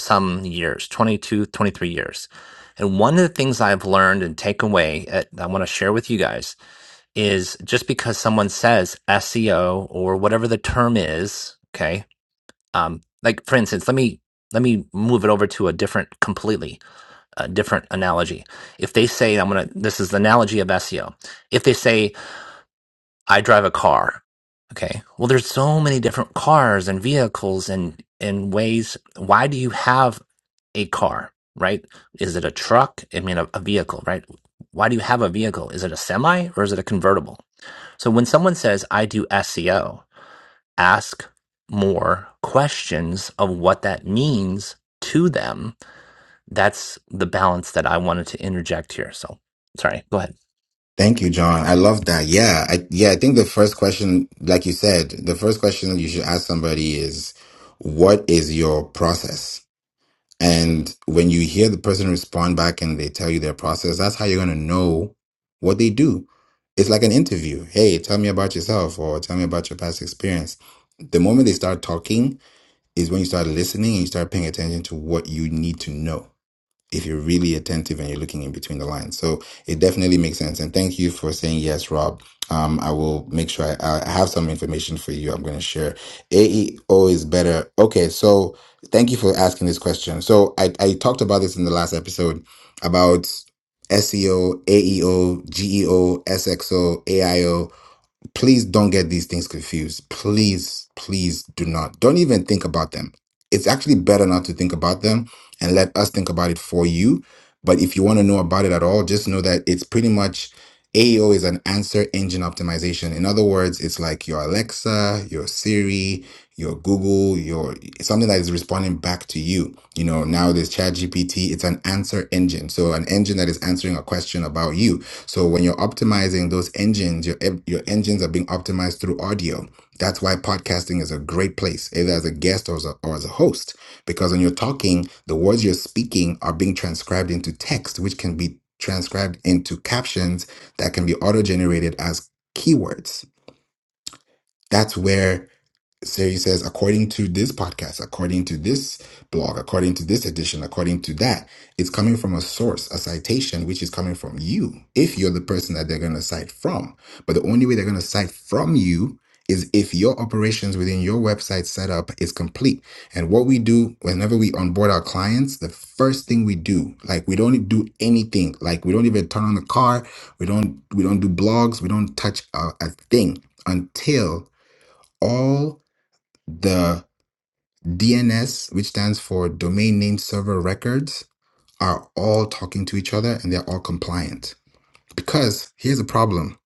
Speaker 2: some years, 22, 23 years. And one of the things I've learned and take away, uh, I want to share with you guys is just because someone says SEO or whatever the term is, okay? Um, like for instance, let me let me move it over to a different, completely uh different analogy. If they say, "I'm gonna," this is the analogy of SEO. If they say, "I drive a car," okay? Well, there's so many different cars and vehicles and and ways. Why do you have a car, right? Is it a truck? I mean, a, a vehicle, right? Why do you have a vehicle? Is it a semi or is it a convertible? So when someone says, I do SEO, ask more questions of what that means to them. That's the balance that I wanted to interject here. So sorry, go ahead.
Speaker 1: Thank you, John. I love that. Yeah. I, yeah. I think the first question, like you said, the first question you should ask somebody is, what is your process? And when you hear the person respond back and they tell you their process, that's how you're going to know what they do. It's like an interview. Hey, tell me about yourself or tell me about your past experience. The moment they start talking is when you start listening and you start paying attention to what you need to know if you're really attentive and you're looking in between the lines. So it definitely makes sense. And thank you for saying yes, Rob. Um, I will make sure I, I have some information for you. I'm going to share. AEO is better. Okay. So thank you for asking this question. So I, I talked about this in the last episode about SEO, AEO, GEO, SXO, please don't get these things confused. Please, please do not. Don't even think about them. It's actually better not to think about them and let us think about it for you. But if you want to know about it at all, just know that it's pretty much AEO is an answer engine optimization. In other words, it's like your Alexa, your Siri, your Google, your something that is responding back to you. You know, now there's ChatGPT, it's an answer engine. So an engine that is answering a question about you so when you're optimizing those engines, your your engines are being optimized through audio. That's why podcasting is a great place, either as a guest or as a, or as a host, because when you're talking, the words you're speaking are being transcribed into text, which can be transcribed into captions that can be auto generated as keywords. That's where so he says, according to this podcast, according to this blog, according to this edition, according to that, it's coming from a source, a citation, which is coming from you, if you're the person that they're going to cite from. But the only way they're going to cite from you is if your operations within your website setup is complete. And what we do whenever we onboard our clients, the first thing we do, like we don't do anything, like we don't even turn on the car, we don't we don't do blogs, we don't touch a, a thing until all the DNS, which stands for domain name server records, are all talking to each other and they're all compliant. Because here's the problem.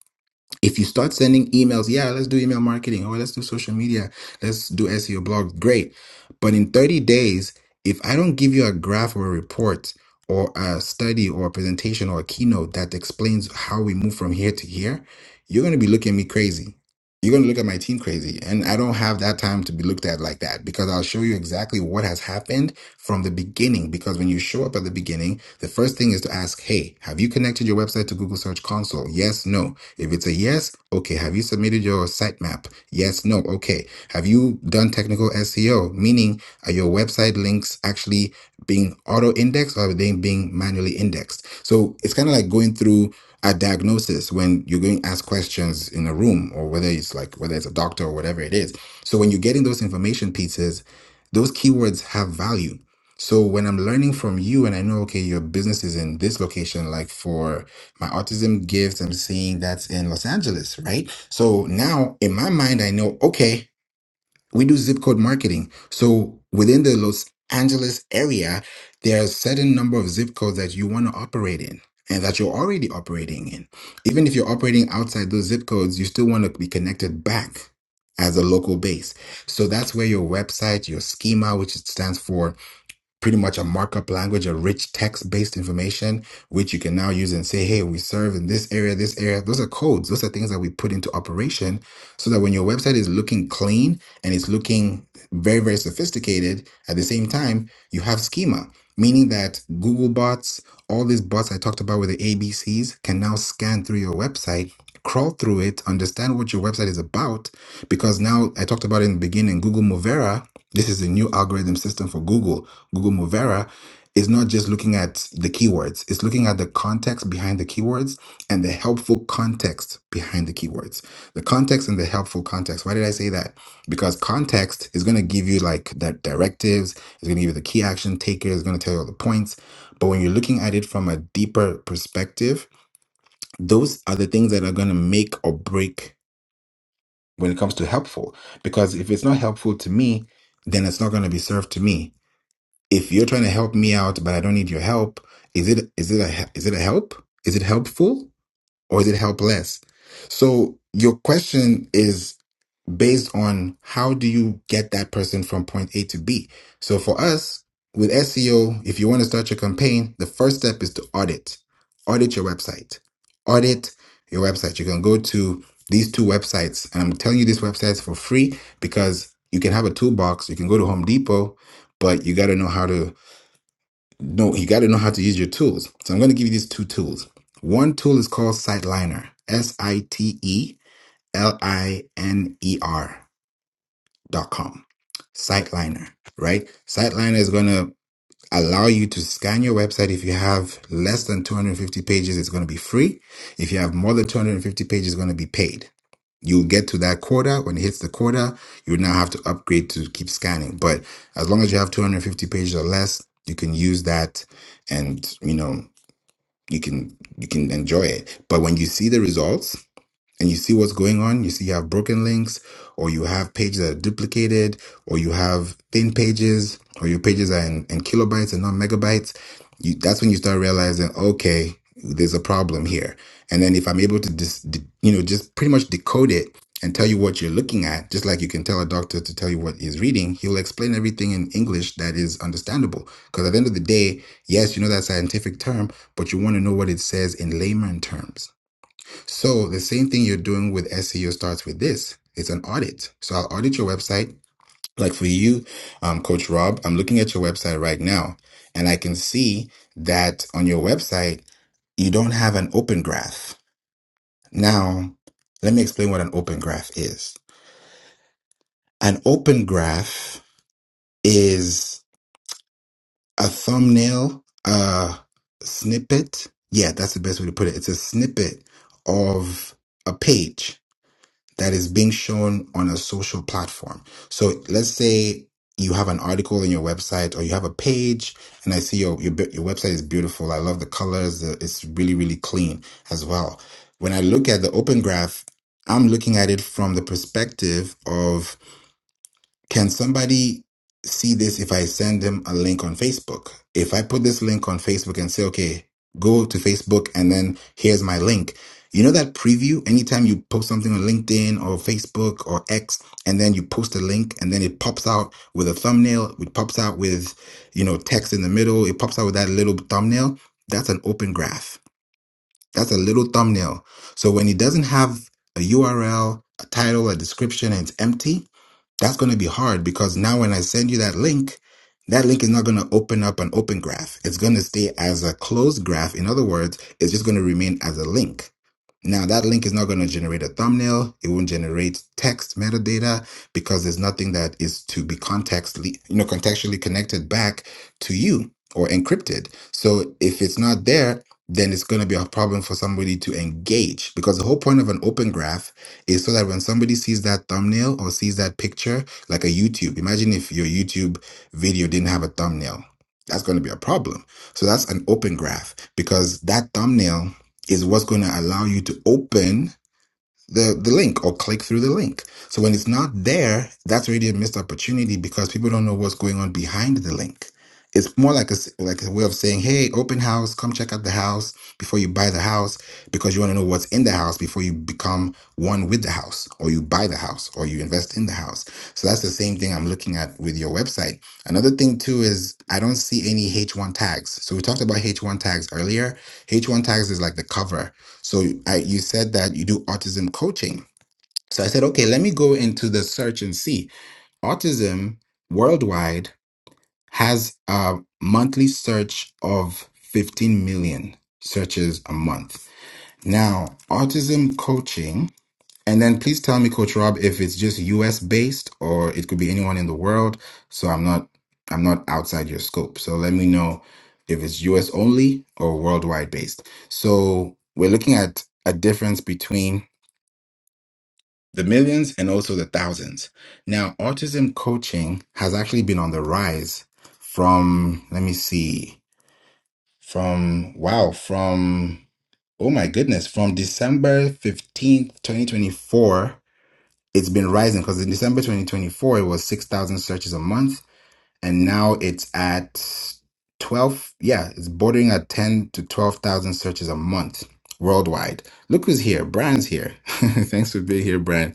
Speaker 1: If you start sending emails, yeah, let's do email marketing, or let's do social media, let's do SEO blog, great. But in 30 days, if I don't give you a graph or a report or a study or a presentation or a keynote that explains how we move from here to here, you're going to be looking at me crazy you're going to look at my team crazy. And I don't have that time to be looked at like that because I'll show you exactly what has happened from the beginning. Because when you show up at the beginning, the first thing is to ask, Hey, have you connected your website to Google Search Console? Yes, no. If it's a yes, okay. Have you submitted your sitemap? Yes, no. Okay. Have you done technical SEO? Meaning, are your website links actually being auto indexed or are they being manually indexed? So it's kind of like going through at diagnosis when you're going to ask questions in a room or whether it's like whether it's a doctor or whatever it is so when you're getting those information pieces those keywords have value so when i'm learning from you and i know okay your business is in this location like for my autism gift i'm seeing that's in los angeles right so now in my mind i know okay we do zip code marketing. So within the Los Angeles area, there are a certain number of zip codes that you want to operate in and that you're already operating in. Even if you're operating outside those zip codes, you still want to be connected back as a local base. So that's where your website, your schema, which it stands for pretty much a markup language, a rich text based information, which you can now use and say, hey, we serve in this area, this area. Those are codes. Those are things that we put into operation so that when your website is looking clean and it's looking very, very sophisticated, at the same time, you have schema, meaning that Google bots, all these bots I talked about with the ABCs can now scan through your website. Crawl through it, understand what your website is about, because now I talked about it in the beginning. Google Movera, this is a new algorithm system for Google Google Movera is not just looking at the keywords, it's looking at the context behind the keywords and the helpful context behind the keywords. The context and the helpful context. Why did I say that? Because context is going to give you like the directives, it's going to give you the key action takers, it's going to tell you all the points. But when you're looking at it from a deeper perspective, those are the things that are going to make or break when it comes to helpful. Because if it's not helpful to me, then it's not going to be served to me if you're trying to help me out but i don't need your help is it is it a is it a help is it helpful or is it helpless so your question is based on how do you get that person from point a to b so for us with seo if you want to start your campaign the first step is to audit audit your website audit your website you can go to these two websites and i'm telling you these websites for free because you can have a toolbox you can go to home depot but you got to know how to no, you got to know how to use your tools. So I'm going to give you these two tools. One tool is called Siteliner, S I T E L I N E R dot com. Siteliner, right? Siteliner is going to allow you to scan your website. If you have less than 250 pages, it's going to be free. If you have more than 250 pages, it's going to be paid. You'll get to that quota. When it hits the quota, you now have to upgrade to keep scanning. But as long as you have 250 pages or less, you can use that and, you know, you can you can enjoy it. But when you see the results, and you see what's going on. You see you have broken links, or you have pages that are duplicated, or you have thin pages, or your pages are in, in kilobytes and not megabytes. You, that's when you start realizing, okay, there's a problem here. And then if I'm able to just, de- you know, just pretty much decode it and tell you what you're looking at, just like you can tell a doctor to tell you what he's reading, he'll explain everything in English that is understandable. Because at the end of the day, yes, you know that scientific term, but you want to know what it says in layman terms. So the same thing you're doing with SEO starts with this. It's an audit. So I'll audit your website. Like for you, um, Coach Rob, I'm looking at your website right now and I can see that on your website, you don't have an open graph. Now, let me explain what an open graph is. An open graph is a thumbnail, a snippet. Yeah, that's the best way to put it. It's a snippet of a page that is being shown on a social platform. So let's say you have an article on your website or you have a page and I see your your, bi- your website is beautiful. I love the colors. The- It's really really clean as well. When I look at the open graph, I'm looking at it from the perspective of can somebody see this if I send them a link on Facebook? If I put this link on Facebook and say, okay, go to Facebook and then here's my link. You know that preview? Anytime you post something on LinkedIn or Facebook or X, and then you post a link and then it pops out with a thumbnail, it pops out with, you know, text in the middle, it pops out with that little thumbnail. That's an open graph. That's a little thumbnail. So when it doesn't have a URL, a title, a description, and it's empty, that's going to be hard because now when I send you that link, that link is not going to open up an open graph. It's going to stay as a closed graph. In other words, it's just going to remain as a link. Now that link is not going to generate a thumbnail. It won't generate text metadata because there's nothing that is to be contextually, you know, contextually connected back to you or encrypted. So if it's not there, then it's going to be a problem for somebody to engage because the whole point of an open graph is so that when somebody sees that thumbnail or sees that picture, like a YouTube, imagine if your YouTube video didn't have a thumbnail. That's going to be a problem. So that's an open graph because that thumbnail is what's going to allow you to open the the link or click through the link. So when it's not there, that's really a missed opportunity because people don't know what's going on behind the link. It's more like a s- like a way of saying, "Hey, open house, come check out the house before you buy the house because you want to know what's in the house before you become one with the house or you buy the house or you invest in the house." So that's the same thing I'm looking at with your website. Another thing too is I don't see any H1 tags. So we talked about H1 tags earlier. H1 tags is like the cover so I, you said that you do autism coaching. So I said, okay, let me go into the search and see. Autism worldwide has a monthly search of 15 million searches a month. Now, autism coaching and then please tell me, Coach Rob, if it's just US based or it could be anyone in the world. So I'm not I'm not outside your scope. So let me know if it's US only or worldwide based. So we're looking at a difference between the millions and also the thousands. Now, autism coaching has actually been on the rise from let me see, from wow, from oh my goodness, from December 15th, 2024 it's been rising because in December 2024 it was 6,000 searches a month and now it's at 12 yeah it's bordering at 10 to 12,000 searches a month worldwide look who's here Brian's here [LAUGHS] thanks for being here Brian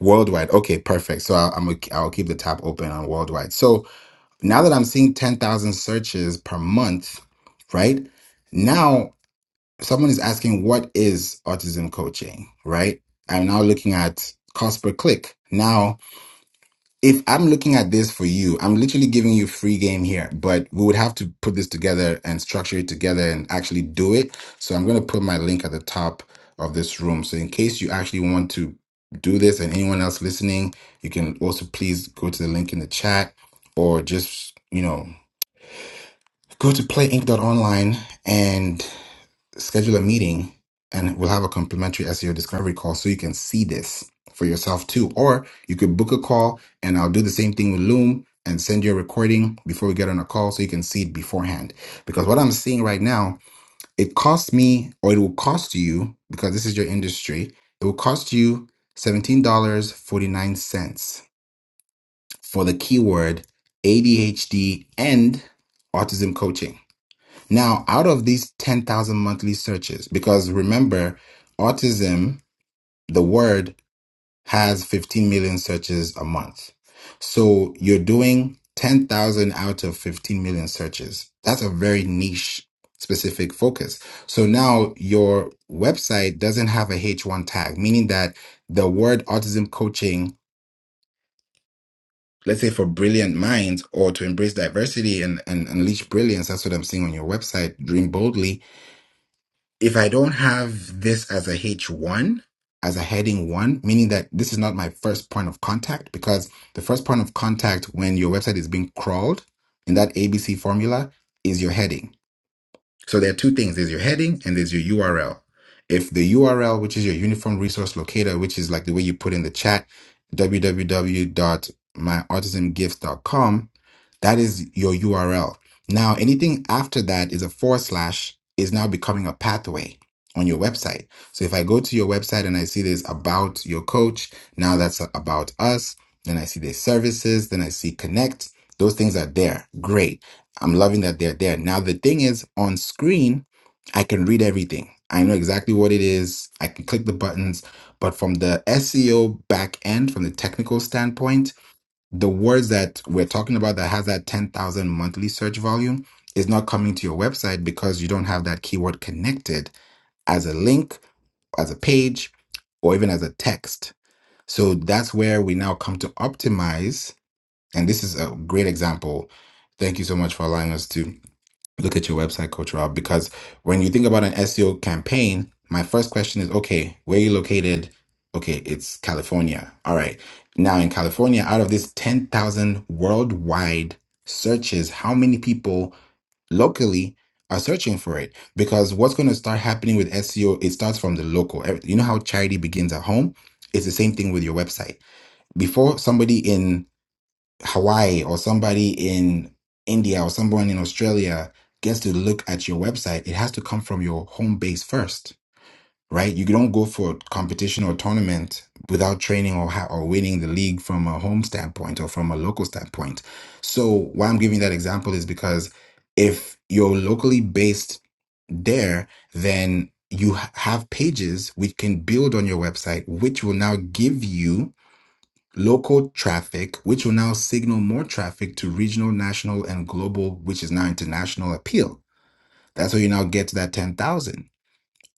Speaker 1: worldwide okay perfect so I'll, I'm gonna- I'll keep the tab open on worldwide so now that I'm seeing 10,000 searches per month right now someone is asking what is autism coaching right I'm now looking at cost per click now if I'm looking at this for you, I'm literally giving you free game here, but we would have to put this together and structure it together and actually do it. So I'm going to put my link at the top of this room. So in case you actually want to do this and anyone else listening, you can also please go to the link in the chat or just, you know, Go to playinc.online and schedule a meeting, and we'll have a complimentary SEO discovery call so you can see this for yourself too. Or you could book a call, and I'll do the same thing with Loom and send you a recording before we get on a call so you can see it beforehand. Because what I'm seeing right now, it costs me, or it will cost you, because this is your industry, it will cost you $17.49 for the keyword ADHD and autism coaching. Now, out of these 10,000 monthly searches, because remember, autism, the word has 15 million searches a month. So you're doing 10,000 out of 15 million searches. That's a very niche specific focus. So now your website doesn't have a H1 tag, meaning that the word autism coaching, let's say for brilliant minds or to embrace diversity and, and unleash brilliance, that's what I'm seeing on your website, Dream Boldly if I don't have this as a H1, as a heading one, meaning that this is not my first point of contact, because the first point of contact when your website is being crawled in that ABC formula is your heading. So there are two things. There's your heading and there's your URL. If the URL, which is your uniform resource locator, which is like the way you put in the chat, www.myautismgift.com, that is your URL. Now, anything after that is a forward slash is now becoming a pathway on your website. So if I go to your website and I see there's about your coach, now that's about us. Then I see there's services. Then I see connect. Those things are there. Great. I'm loving that they're there. Now, the thing is, on screen, I can read everything. I know exactly what it is. I can click the buttons. But from the SEO back end, from the technical standpoint, the words that we're talking about that has that 10,000 monthly search volume is not coming to your website because you don't have that keyword connected as a link, as a page, or even as a text. So that's where we now come to optimize. And this is a great example. Thank you so much for allowing us to look at your website, Coach Rob, because when you think about an SEO campaign, my first question is, okay, where are you located? Okay, it's California. All right. Now in California, out of these 10,000 worldwide searches, how many people locally are searching for it? Because what's going to start happening with SEO, it starts from the local. Every- You know how charity begins at home? It's the same thing with your website. Before somebody in Hawaii or somebody in India or someone in Australia gets to look at your website, it has to come from your home base first, right? You don't go for competition or tournament without training or ha- or winning the league from a home standpoint or from a local standpoint. So why I'm giving that example is because if you're locally based there, then you ha- have pages which can build on your website, which will now give you local traffic, which will now signal more traffic to regional, national, and global, which is now international appeal. That's how you now get to that 10,000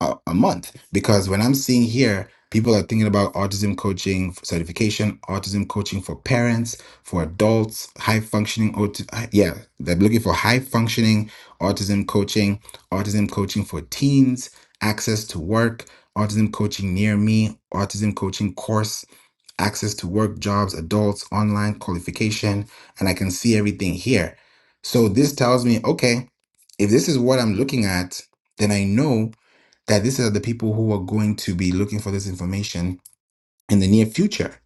Speaker 1: a, a month. Because when I'm seeing here, people are thinking about autism coaching for certification, autism coaching for parents, for adults, high functioning, aut- yeah, they're looking for high functioning autism coaching, autism coaching for teens, access to work, autism coaching near me, autism coaching course access to work, jobs, adults, online qualification, and I can see everything here. So this tells me, okay, if this is what I'm looking at, then I know that these are the people who are going to be looking for this information in the near future.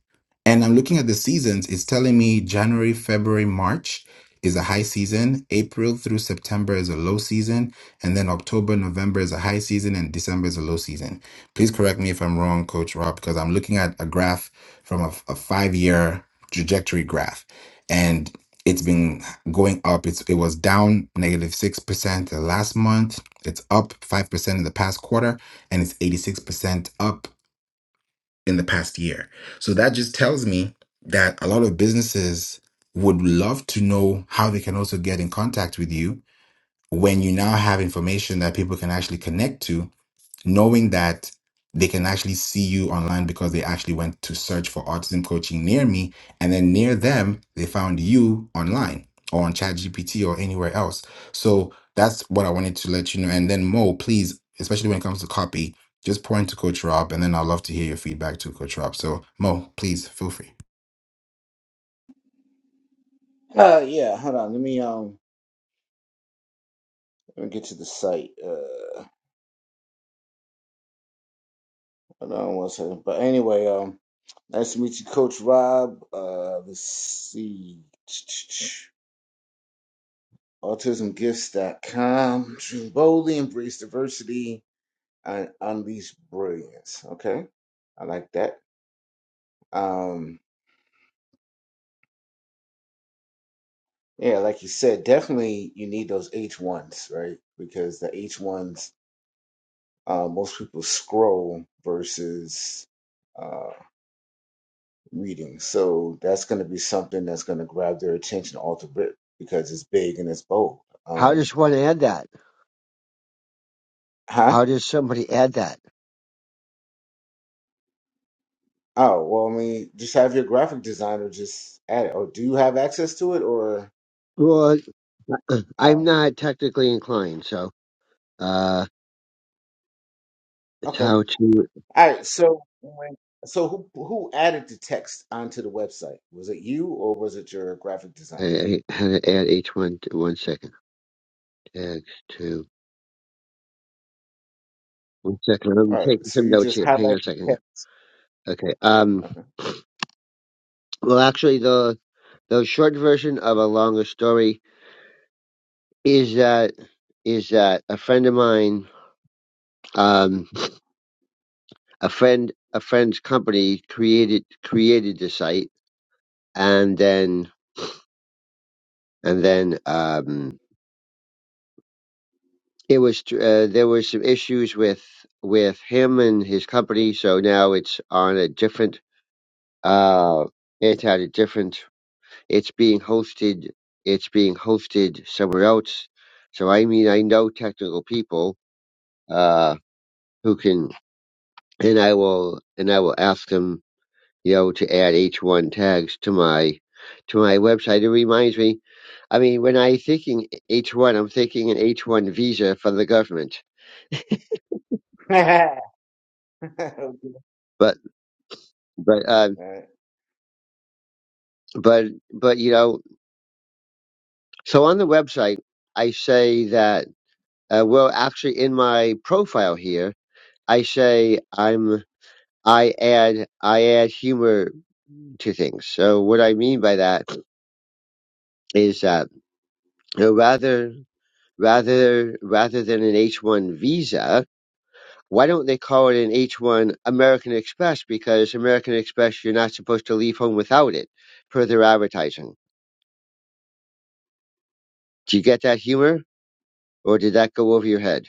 Speaker 1: And I'm looking at the seasons, it's telling me January, February, March is a high season, April through September is a low season, and then October, November is a high season, and December is a low season. Please correct me if I'm wrong, Coach Rob, because I'm looking at a graph from a, a five year trajectory graph, and it's been going up. It's, it was down 6% the last month, it's up 5% in the past quarter, and it's 86% up in the past year. So that just tells me that a lot of businesses would love to know how they can also get in contact with you when you now have information that people can actually connect to knowing that they can actually see you online because they actually went to search for autism coaching near me and then near them they found you online or on ChatGPT or anywhere else so that's what i wanted to let you know and then mo please especially when it comes to copy just point to coach rob and then i'd love to hear your feedback to coach rob so mo please feel free
Speaker 3: Uh, yeah. Hold on. Let me um. Let me get to the site. Uh, hold on one second. But anyway, um, nice to meet you, Coach Rob. Uh, let's see. AutismGifts.com. Choose boldly, embrace diversity, and unleash brilliance. Okay, I like that. Um, yeah, like you said, definitely you need those H ones, right? Because the H ones, uh, most people scroll versus. uh, reading. So that's going to be something that's going to grab their attention off the rip because it's big and it's bold.
Speaker 4: How
Speaker 3: Um,
Speaker 4: does one add that?
Speaker 3: huh?
Speaker 4: How does somebody add that?
Speaker 3: Oh, well, I mean, just have your graphic designer just add it. Or do you have access to it? Or,
Speaker 4: Well, [CLEARS THROAT] I'm
Speaker 3: um,
Speaker 4: not technically inclined, so uh, it's
Speaker 3: okay.
Speaker 4: how to
Speaker 3: All right. So, when, so who, who added the text onto the website? Was it you or was it your graphic designer?
Speaker 4: uh, how to add each one. One second, tags to one second. I'm
Speaker 3: All right.
Speaker 4: taking
Speaker 3: So
Speaker 4: some
Speaker 3: you
Speaker 4: notes
Speaker 3: just
Speaker 4: here. Hang
Speaker 3: highlight
Speaker 4: on a
Speaker 3: the
Speaker 4: second here.
Speaker 3: text.
Speaker 4: Okay. Um.
Speaker 3: Okay.
Speaker 4: Well, actually, the the short version of a longer story is that is that a friend of mine, um, a friend a friend's company created created the site, and then and then um It was uh, there was some issues with with him and his company, so now it's on a different. Uh, it's at a different. It's being hosted. It's being hosted somewhere else. So I mean, I know technical people uh, who can, and I will, and I will ask them, you know, to add H1 tags to my to my website. It reminds me. I mean, when i thinking H1, I'm thinking an H1 visa from the government,
Speaker 3: [LAUGHS] okay. All
Speaker 4: but but um
Speaker 3: right.
Speaker 4: but but you know so on the website i say that uh, well actually in my profile here i say i'm i add i add humor to things so what i mean by that is that you know, rather rather rather than an h1 visa why don't they call it an h1 american express because american express you're not supposed to leave home without it per their advertising do you get that humor or did that go over your head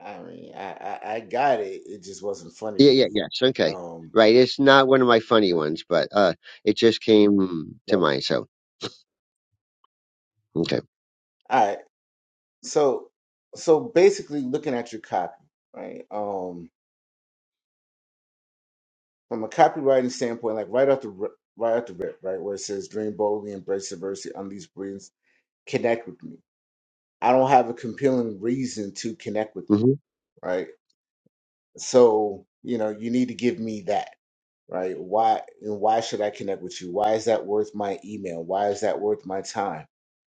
Speaker 3: I mean, I, I, I got it. It just wasn't funny
Speaker 4: Yeah,
Speaker 3: to
Speaker 4: yeah,
Speaker 3: me.
Speaker 4: yes. Okay.
Speaker 3: Um,
Speaker 4: Right. It's not one of my funny ones, but uh it just came to mind, so okay.
Speaker 3: All right. So so basically looking at your copy, right? Um from a copywriting standpoint, like right off the ri- right off the rip, right, where it says dream boldly, embrace diversity, unleash brilliance, connect with me. I don't have a compelling reason to connect with you,
Speaker 4: Mm-hmm.
Speaker 3: right? So, you know, you need to give me that, right? Why and why should I connect with you? Why is that worth my email? Why is that worth my time?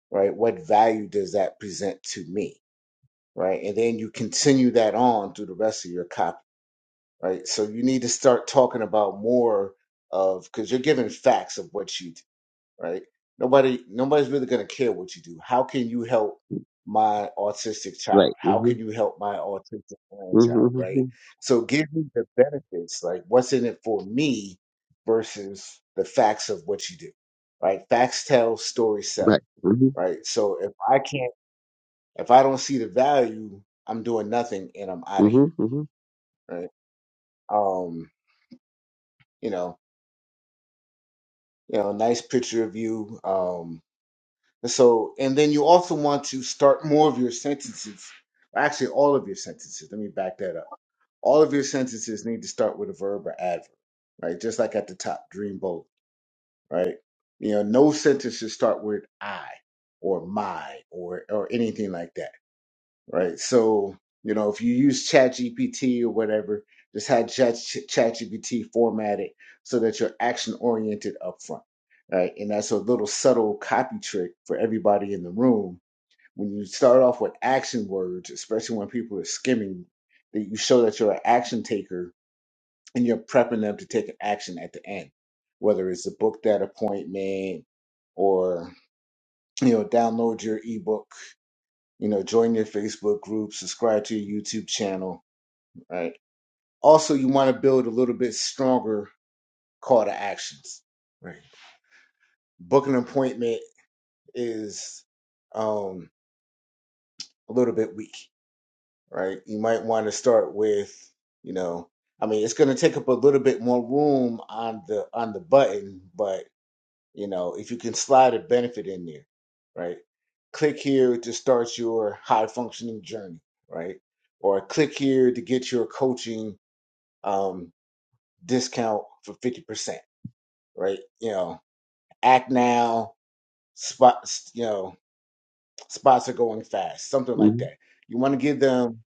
Speaker 3: Right? What value does that present to me? right? And then you continue that on through the rest of your copy right? So you need to start talking about more of because you're giving facts of what you do, right? Nobody, nobody's really going to care what you do. How can you help my autistic child?
Speaker 4: Right.
Speaker 3: How
Speaker 4: Mm-hmm.
Speaker 3: can you help my autistic grandchild,
Speaker 4: Mm-hmm.
Speaker 3: right?
Speaker 4: hmm
Speaker 3: So give me the benefits, like what's in it for me versus the facts of what you do, right? Facts tell, stories sell,
Speaker 4: Right. mm
Speaker 3: right? So if I can't, if I don't see the value, I'm doing nothing and I'm out
Speaker 4: hmm
Speaker 3: of
Speaker 4: hmm
Speaker 3: here,
Speaker 4: hmm right hmm hmm
Speaker 3: right? Um, you know, you know, nice picture of you. Um, so, and then you also want to start more of your sentences, actually, all of your sentences. Let me back that up. All of your sentences need to start with a verb or adverb, right? Just like at the top, dream bold, right? You know, no sentences start with I or my or or anything like that right? So, you know, if you use ChatGPT or whatever, just have Chat ChatGPT format it so that you're action oriented upfront, right? And that's a little subtle copy trick for everybody in the room. When you start off with action words, especially when people are skimming, that you show that you're an action taker and you're prepping them to take an action at the end, whether it's to book that appointment or you know download your ebook you know join your facebook group subscribe to your youtube channel right also you want to build a little bit stronger call to actions right book an appointment is um a little bit weak right you might want to start with you know i mean it's going to take up a little bit more room on the on the button but You know, if you can slide a benefit in there, right? Click here to start your high functioning journey, right? Or click here to get your coaching um, discount for 50%, right? You know, act now, spots, you know, spots are going fast, something like
Speaker 4: hmm
Speaker 3: that. You want to give them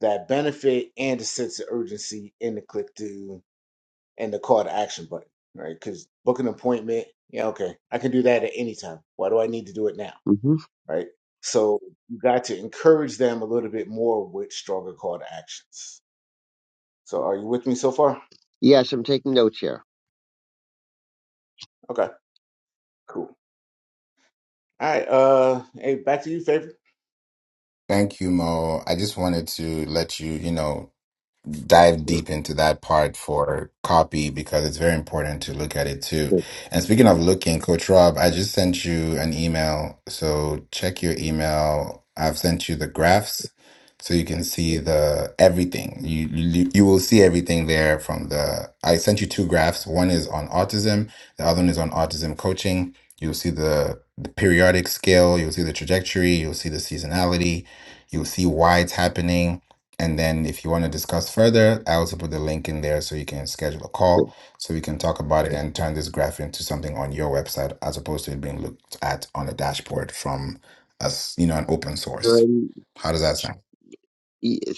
Speaker 3: that benefit and a sense of urgency in the click to and the call to action button, right? Because book an appointment, yeah, okay, I can do that at any time. Why do I need to do it now?
Speaker 4: hmm hmm
Speaker 3: right? So you got to encourage them a little bit more with stronger call to actions. So are you with me so far?
Speaker 4: Yes, I'm taking notes here.
Speaker 3: Okay, cool. All right, uh, hey, back to you, favorite.
Speaker 1: thank you mo i just wanted to let you you know dive deep into that part for copy because it's very important to look at it too.
Speaker 4: Good.
Speaker 1: And speaking of looking, Coach Rob, I just sent you an email. So check your email. I've sent you the graphs so you can see the everything. You you, you will see everything there from the I sent you two graphs. One is on autism, the other one is on autism coaching. You'll see the the periodic scale, you'll see the trajectory, you'll see the seasonality, you'll see why it's happening and then if you want to discuss further, I also put the link in there so you can schedule a call so we can talk about it and turn this graph into something on your website as opposed to it being looked at on a dashboard from us, you know, an open
Speaker 4: So
Speaker 1: source.
Speaker 4: I'm-
Speaker 1: How does that sound?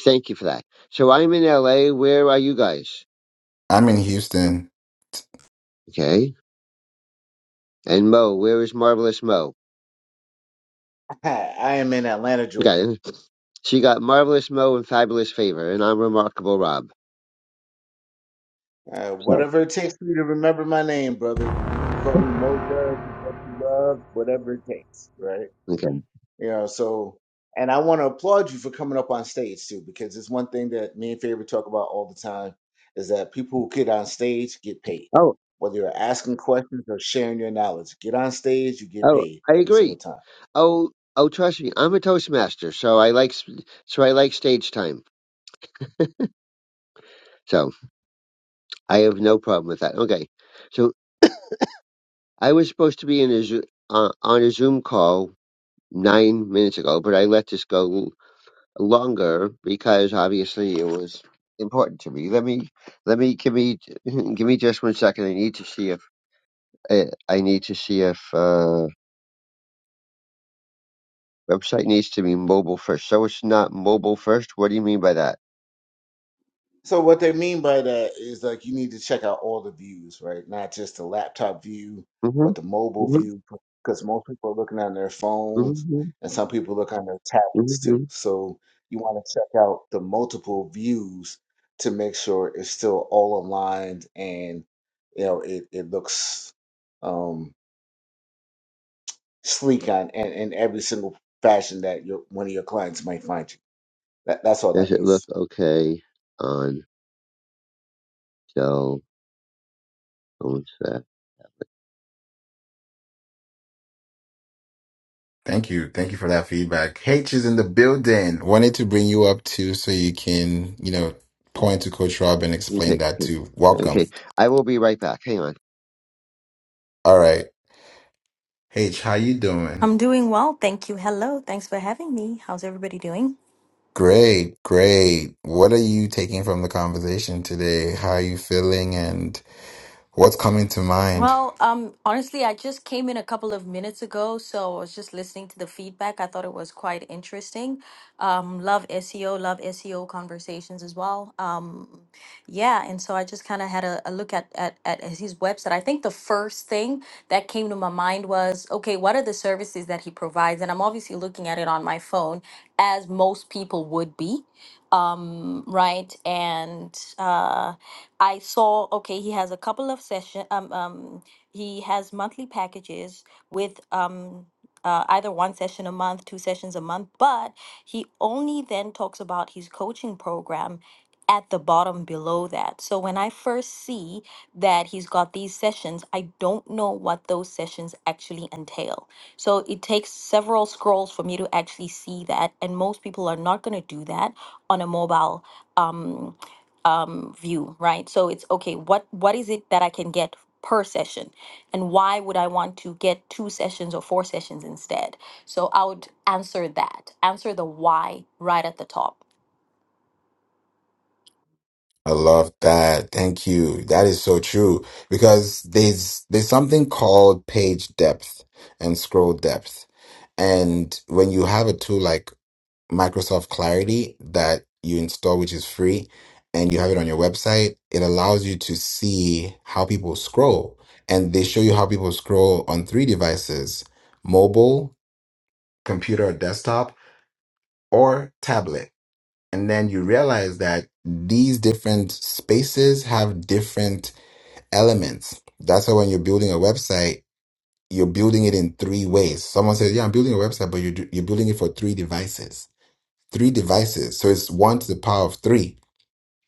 Speaker 4: thank you for that. So I'm in LA. Where are you guys?
Speaker 1: I'm in Houston.
Speaker 4: Okay. And Mo, where is Marvelous Mo?
Speaker 3: [LAUGHS] I am in Atlanta, Georgia.
Speaker 4: Okay. So you got Marvelous Mo and Fabulous Favor, and I'm Remarkable Rob.
Speaker 3: Uh,
Speaker 4: So,
Speaker 3: whatever it takes for you to remember my name, brother. You, you call me Mo Dub, the bet you love, whatever it takes, right?
Speaker 4: okay.
Speaker 3: You know, so and I want to applaud you for coming up on stage too, because it's one thing that me and Favor talk about all the time is that people who get on stage get paid.
Speaker 4: Oh,
Speaker 3: Whether you're asking questions or sharing your knowledge, get on stage, you get
Speaker 4: oh,
Speaker 3: paid
Speaker 4: I
Speaker 3: every
Speaker 4: agree.
Speaker 3: single time.
Speaker 4: Oh, oh, trust me, I'm a Toastmaster, so I like s- so I like stage time. So I have no problem with that. Okay, so I was supposed to be in a Zo- uh, on a Zoom call nine minutes ago, but I let this go l- longer because obviously it was important to me. Let me let me give me [LAUGHS] give me just one second. I need to see if I, I need to see if uh, website needs to be mobile first. So it's not mobile first. What do you mean by that?
Speaker 3: So what they mean by that is like you need to check out all the views, right? Not just the laptop view,
Speaker 4: hmm
Speaker 3: but the mobile view, because most people are looking on their phones
Speaker 4: hmm
Speaker 3: and some people look on their tablets
Speaker 4: hmm
Speaker 3: too. So you want to check out the multiple views to make sure it's still all aligned and you know it, it looks um sleek on and in every single fashion that your one of your clients might find you. That that's all that
Speaker 4: Does it look
Speaker 3: means.
Speaker 4: okay on cell phone set?
Speaker 1: Thank you. Thank you for that feedback. H is in the building. Wanted to bring you up too so you can, you know, point to Coach Rob and explain
Speaker 4: Okay,
Speaker 1: that
Speaker 4: okay.
Speaker 1: too. Welcome.
Speaker 4: okay. I will be right back. Hang on.
Speaker 1: All right. H, how you doing?
Speaker 5: I'm doing well, thank you. Hello, thanks for having me. How's everybody doing?
Speaker 1: Great, great. What are you taking from the conversation today? How are you feeling and what's coming to mind?
Speaker 5: Well, um, honestly, I just came in a couple of minutes ago, so I was just listening to the feedback. I thought it was quite interesting. Um, love SEO, love SEO conversations as well. Um, yeah, and so I just kind of had a, a look at, at at his website. I think the first thing that came to my mind was, okay, what are the services that he provides? And I'm obviously looking at it on my phone, as most people would be. um, right? And uh, I saw, okay, he has a couple of session. Um, um, he has monthly packages with um, uh, either one session a month, two sessions a month, but he only then talks about his coaching program at the bottom below that. So when I first see that he's got these sessions, I don't know what those sessions actually entail. So it takes several scrolls for me to actually see that. And most people are not going to do that on a mobile um, um, view, right? So it's okay. What what is it that I can get per session, and why would I want to get two sessions or four sessions instead? So I would answer that. Answer the why right at the top.
Speaker 1: I love that. Thank you. That is so true because there's there's something called page depth and scroll depth. And when you have a tool like Microsoft Clarity that you install which is free and you have it on your website, it allows you to see how people scroll and they show you how people scroll on three devices, mobile, computer or desktop or tablet. And then you realize that these different spaces have different elements. That's why when you're building a website, you're building it in three ways. Someone says, Yeah, I'm building a website, but you're, do- you're building it for three devices. Three devices. So it's one to the power of three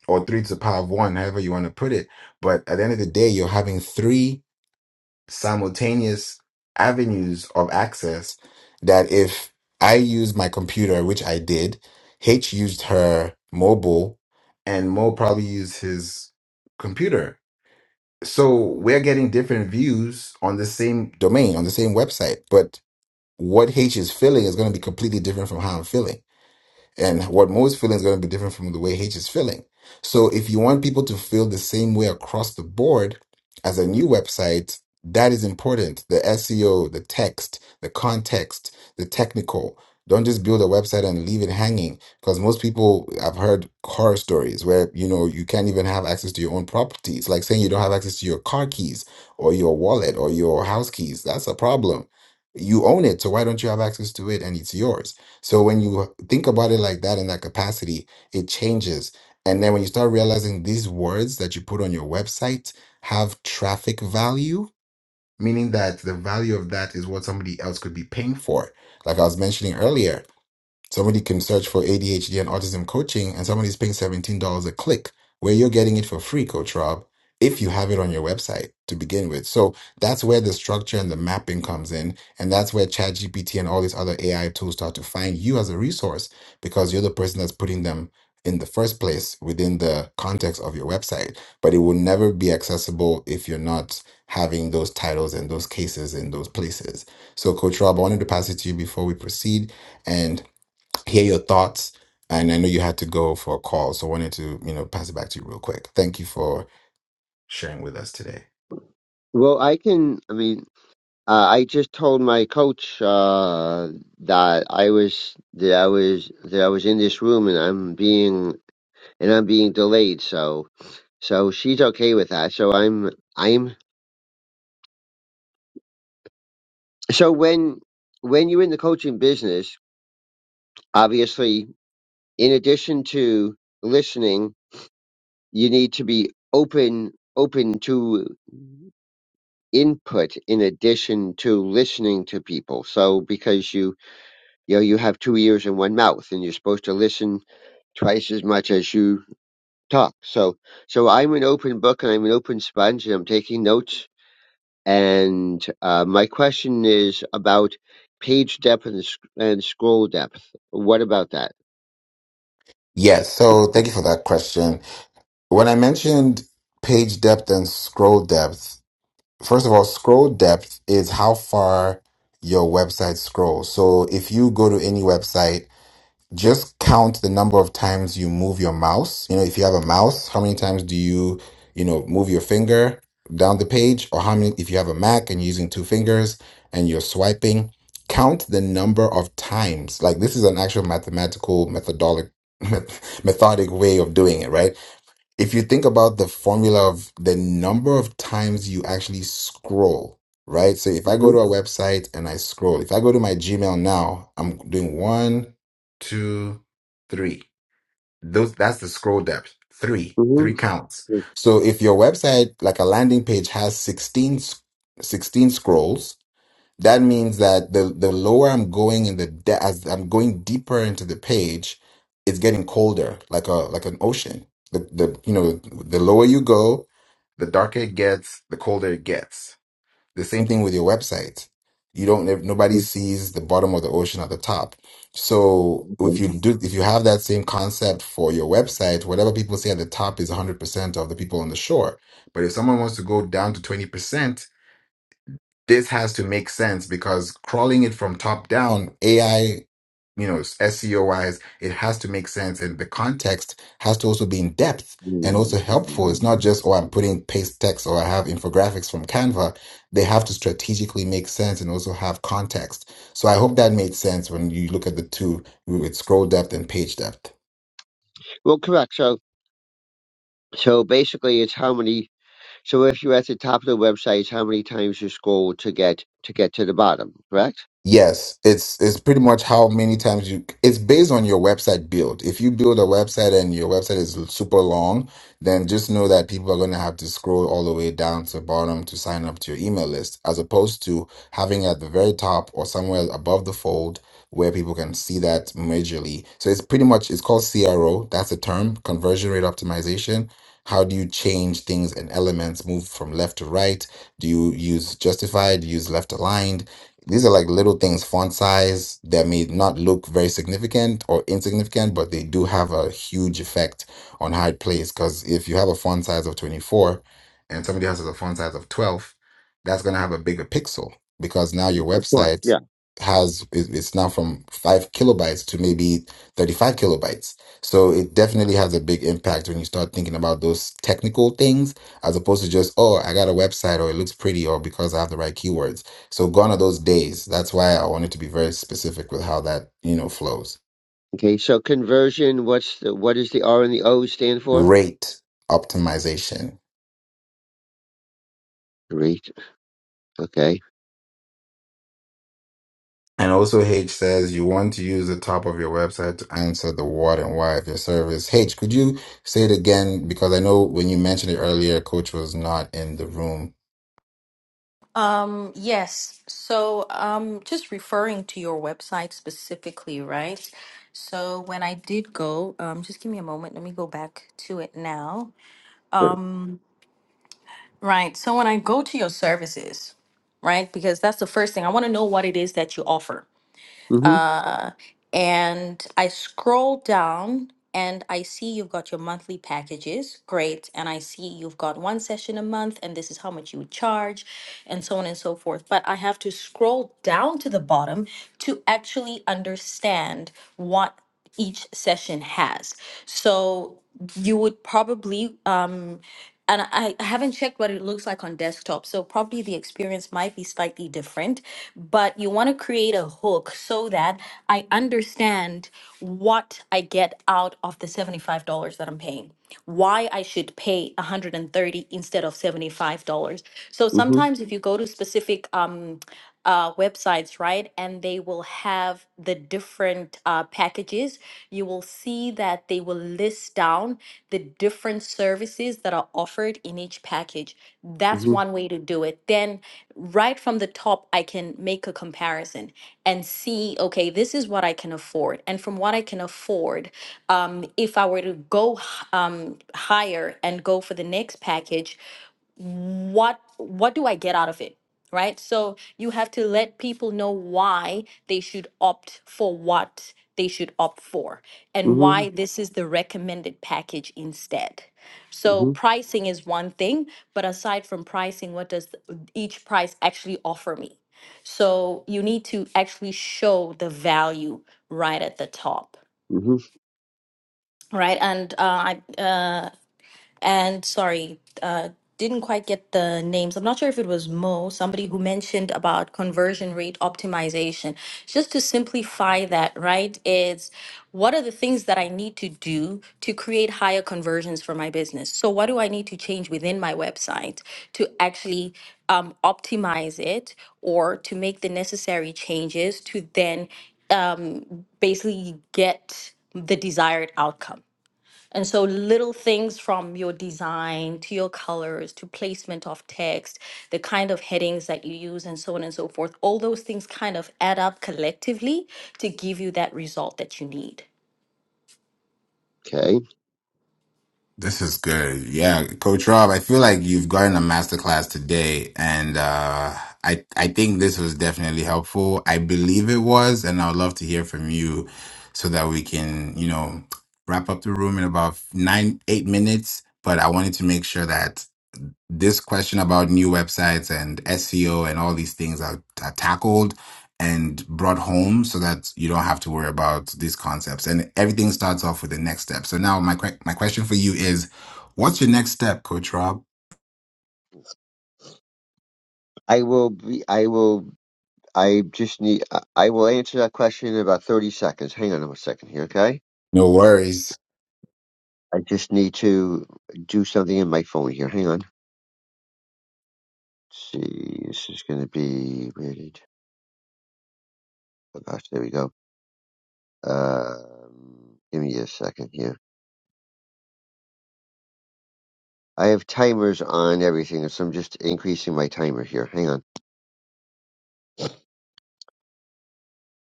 Speaker 1: or three to the power of one, however you want to put it. But at the end of the day, you're having three simultaneous avenues of access that if I used my computer, which I did, H used her mobile, and Mo probably used his computer. So we're getting different views on the same domain, on the same website, but what H is feeling is going to be completely different from how I'm feeling. And what Mo's feeling is going to be different from the way H is feeling. So if you want people to feel the same way across the board as a new website, that is important. The SEO, the text, the context, the technical. Don't just build a website and leave it hanging because most people I've heard horror stories where you know you can't even have access to your own properties. Like saying you don't have access to your car keys or your wallet or your house keys. That's a problem. You own it, so why don't you have access to it and it's yours? So when you think about it like that in that capacity, it changes. And then when you start realizing these words that you put on your website have traffic value, meaning that the value of that is what somebody else could be paying for. Like I was mentioning earlier, Somebody can search for ADHD and autism coaching, and somebody's paying $17 a click, where you're getting it for free, Coach Rob, if you have it on your website to begin with. So that's where the structure and the mapping comes in. And that's where ChatGPT and all these other AI tools start to find you as a resource because you're the person that's putting them in the first place within the context of your website. But it will never be accessible if you're not having those titles and those cases in those places. So, Coach Rob, I wanted to pass it to you before we proceed. and hear your thoughts. And I know you had to go for a call, so I wanted to, you know, pass it back to you real quick. Thank you for sharing with us today.
Speaker 4: Well, I can. I mean, uh, I just told my coach uh, that I was that I was that I was in this room and I'm being and I'm being delayed. So so she's okay with that. So I'm I'm so when when you're in the coaching business, obviously, in addition to listening you need to be open open to input in addition to listening to people so because you you know you have two ears and one mouth and you're supposed to listen twice as much as you talk so so i'm an open book and i'm an open sponge and i'm taking notes and uh, my question is about page depth and, sc- and scroll depth what about that
Speaker 1: Yes, so thank you for that question. When I mentioned page depth and scroll depth, first of all, scroll depth is how far your website scrolls. So if you go to any website just count the number of times you move your mouse. You know, if you have a mouse, how many times do you, you know, move your finger down the page, or how many, if you have a Mac and you're using two fingers and you're swiping, count the number of times. Like, this is an actual mathematical, methodic, [LAUGHS] methodic way of doing it, right? if you think about the formula of the number of times you actually scroll, right? So if I
Speaker 4: hmm
Speaker 1: go to a website and I scroll, if I go to my Gmail now, I'm doing one, two, three. Those that's the scroll depth. Three,
Speaker 4: hmm
Speaker 1: three counts. So if your website, like a landing page, has 16, s- 16 scrolls, that means that the the lower I'm going in the de- as I'm going deeper into the page, it's getting colder, like a like an ocean. The the you know the lower you go, the darker it gets, the colder it gets. The same thing with your website. You don't nobody sees the bottom of the ocean at the top. So if you do if you have that same concept for your website, whatever people see at the top is 100% of the people on the shore. But if someone wants to go down to 20%, this has to make sense because crawling it from top down, AI, you know, SEO wise, it has to make sense. And the context has to also be in depth and also helpful. It's not just, oh, I'm putting paste text or I have infographics from Canva. They have to strategically make sense and also have context. So I hope that made sense when you look at the two with scroll depth and page depth.
Speaker 4: well correct so so basically it's how many So if you're at the top of the website, it's how many times you scroll to get to get to the bottom, correct?
Speaker 1: Yes, it's it's pretty much how many times you it's based on your website build. If you build a website and your website is super long, then just know that people are going to have to scroll all the way down to the bottom to sign up to your email list as opposed to having it at the very top or somewhere above the fold where people can see that majorly. So it's pretty much it's called CRO, that's the term, conversion rate optimization. How do you change things and elements move from left to right? Do you use justified, Do you use left aligned? These are like little things, font size that may not look very significant or insignificant, but they do have a huge effect on how it plays. Because if you have a font size of 24 and somebody else has a font size of 12, that's going to have a bigger pixel because now your
Speaker 4: Of course,
Speaker 1: website
Speaker 4: yeah.
Speaker 1: has it- it's now from five kilobytes to maybe 35 kilobytes. So it definitely has a big impact when you start thinking about those technical things as opposed to just, oh, I got a website or it looks pretty or because I have the right keywords so gone are those days. That's why I wanted to be very specific with how that, you know, flows.
Speaker 4: Okay, so conversion, what's the what does the R and the O stand for?
Speaker 1: Rate optimization.
Speaker 4: Great. Okay.
Speaker 1: And also H says you want to use the top of your website to answer the what and why of your service. H, could you say it again? Because I know when you mentioned it earlier, coach was not in the room.
Speaker 5: Um, yes. So, um, just referring to your website specifically, right? So when I did go, um, just give me a moment. Let me go back to it now.
Speaker 4: Sure.
Speaker 5: Right. So when I go to your services, right? Because that's the first thing I want to know what it is that you offer
Speaker 4: Mhm.
Speaker 5: And I scroll down and I see you've got your monthly packages. Great. And I see you've got one session a month and this is how much you would charge and so on and so forth. But I have to scroll down to the bottom to actually understand what each session has. So you would probably um, and I I haven't checked what it looks like on desktop, so probably the experience might be slightly different, but you want to create a hook so that I understand what I get out of the $75 that I'm paying, why I should pay 130 instead of $75. So
Speaker 4: Mhm.
Speaker 5: sometimes if you go to specific um, uh, websites, right? And they will have the different uh, packages. You will see that they will list down the different services that are offered in each package. That's
Speaker 4: Mhm.
Speaker 5: one way to do it. Then, right from the top, I can make a comparison and see okay, this is what I can afford. And from what I can afford, um, if I were to go h- um, higher and go for the next package, what what do I get out of it? Right? So you have to let people know why they should opt for what they should opt for and why
Speaker 4: Mhm.
Speaker 5: this is the recommended package instead. So
Speaker 4: Mhm.
Speaker 5: pricing is one thing, but aside from pricing, what does each price actually offer me? So you need to actually show the value right at the top,
Speaker 4: Mhm.
Speaker 5: right? And uh, I, uh, and sorry, uh, didn't quite get the names. I'm not sure if it was Mo, somebody who mentioned about conversion rate optimization. Just to simplify that, right, is what are the things that I need to do to create higher conversions for my business? So, what do I need to change within my website to actually um, optimize it or to make the necessary changes to then basically get the desired outcome? And so, little things from your design to your colors to placement of text, the kind of headings that you use, and so on and so forth, all those things kind of add up collectively to give you that result that you need.
Speaker 4: Okay.
Speaker 1: This is good. Yeah, Coach Rob, I feel like you've gotten a masterclass today and uh I I think this was definitely helpful. I believe it was and I'd love to hear from you so that we can, you know, wrap up the room in about 9 8 minutes, but I wanted to make sure that this question about new websites and SEO and all these things are, are tackled and brought home so that you don't have to worry about these concepts and everything starts off with the next step. So now my que- my question for you is what's your next step, coach Rob?
Speaker 4: I will be. I will. I just need. I I will answer that question in about thirty seconds. Hang on a second here, okay?
Speaker 1: No worries.
Speaker 4: I just need to do something in my phone here. Hang on. Let's see, this is going to be rated. Oh gosh, there we go. Um, give me a second here. I have timers on everything, so I'm just increasing my timer here. Hang on.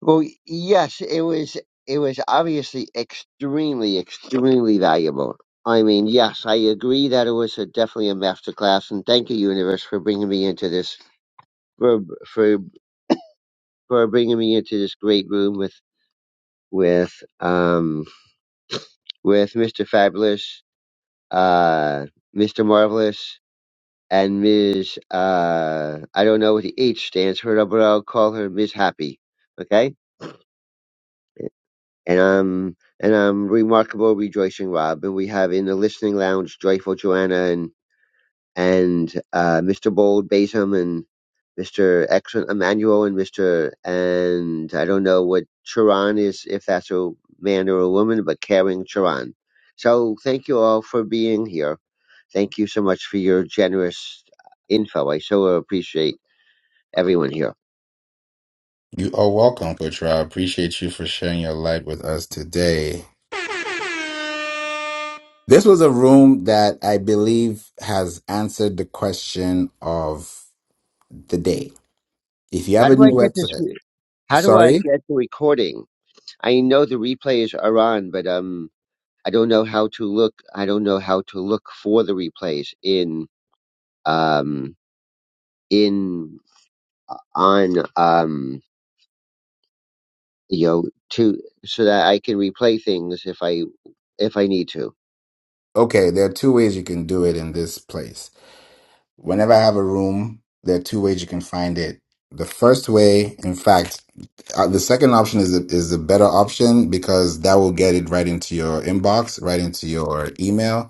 Speaker 4: Well, yes, it was. It was obviously extremely, extremely valuable. I mean, yes, I agree that it was a, definitely a masterclass, and thank you, universe, for bringing me into this for for for bringing me into this great room with with um with Mr. Fabulous, uh, Mr. Marvelous. and Ms. Uh, I don't know what the H stands for, but I'll call her Ms. Happy. Okay. And um, and um, remarkable, rejoicing Rob, and we have in the listening lounge, joyful Joanna and and uh, Mr. Bold Batum and Mr. Excellent Emmanuel and Mr. and I don't know what Charon is, if that's a man or a woman, but caring Charon. So thank you all for being here. Thank you so much for your generous uh, info. I so appreciate. everyone here.
Speaker 1: You are welcome, Coach Rob. Appreciate you for sharing your light with us today. This was a room that I believe has answered the question of the day. If you
Speaker 4: How
Speaker 1: have a
Speaker 4: do
Speaker 1: new
Speaker 4: I get this?
Speaker 1: website,
Speaker 4: Re- how do I
Speaker 1: sorry?
Speaker 4: get the recording? I know the replays are on, but um, I don't know how to look. I don't know how to look for the replays in um in on um you know to so that I can replay things if I if I need to.
Speaker 1: okay, there are two ways you can do it in this place. Whenever I have a room, there are two ways you can find it. The first way, in fact, uh, the second option is the, is the better option because that will get it right into your inbox, right into your email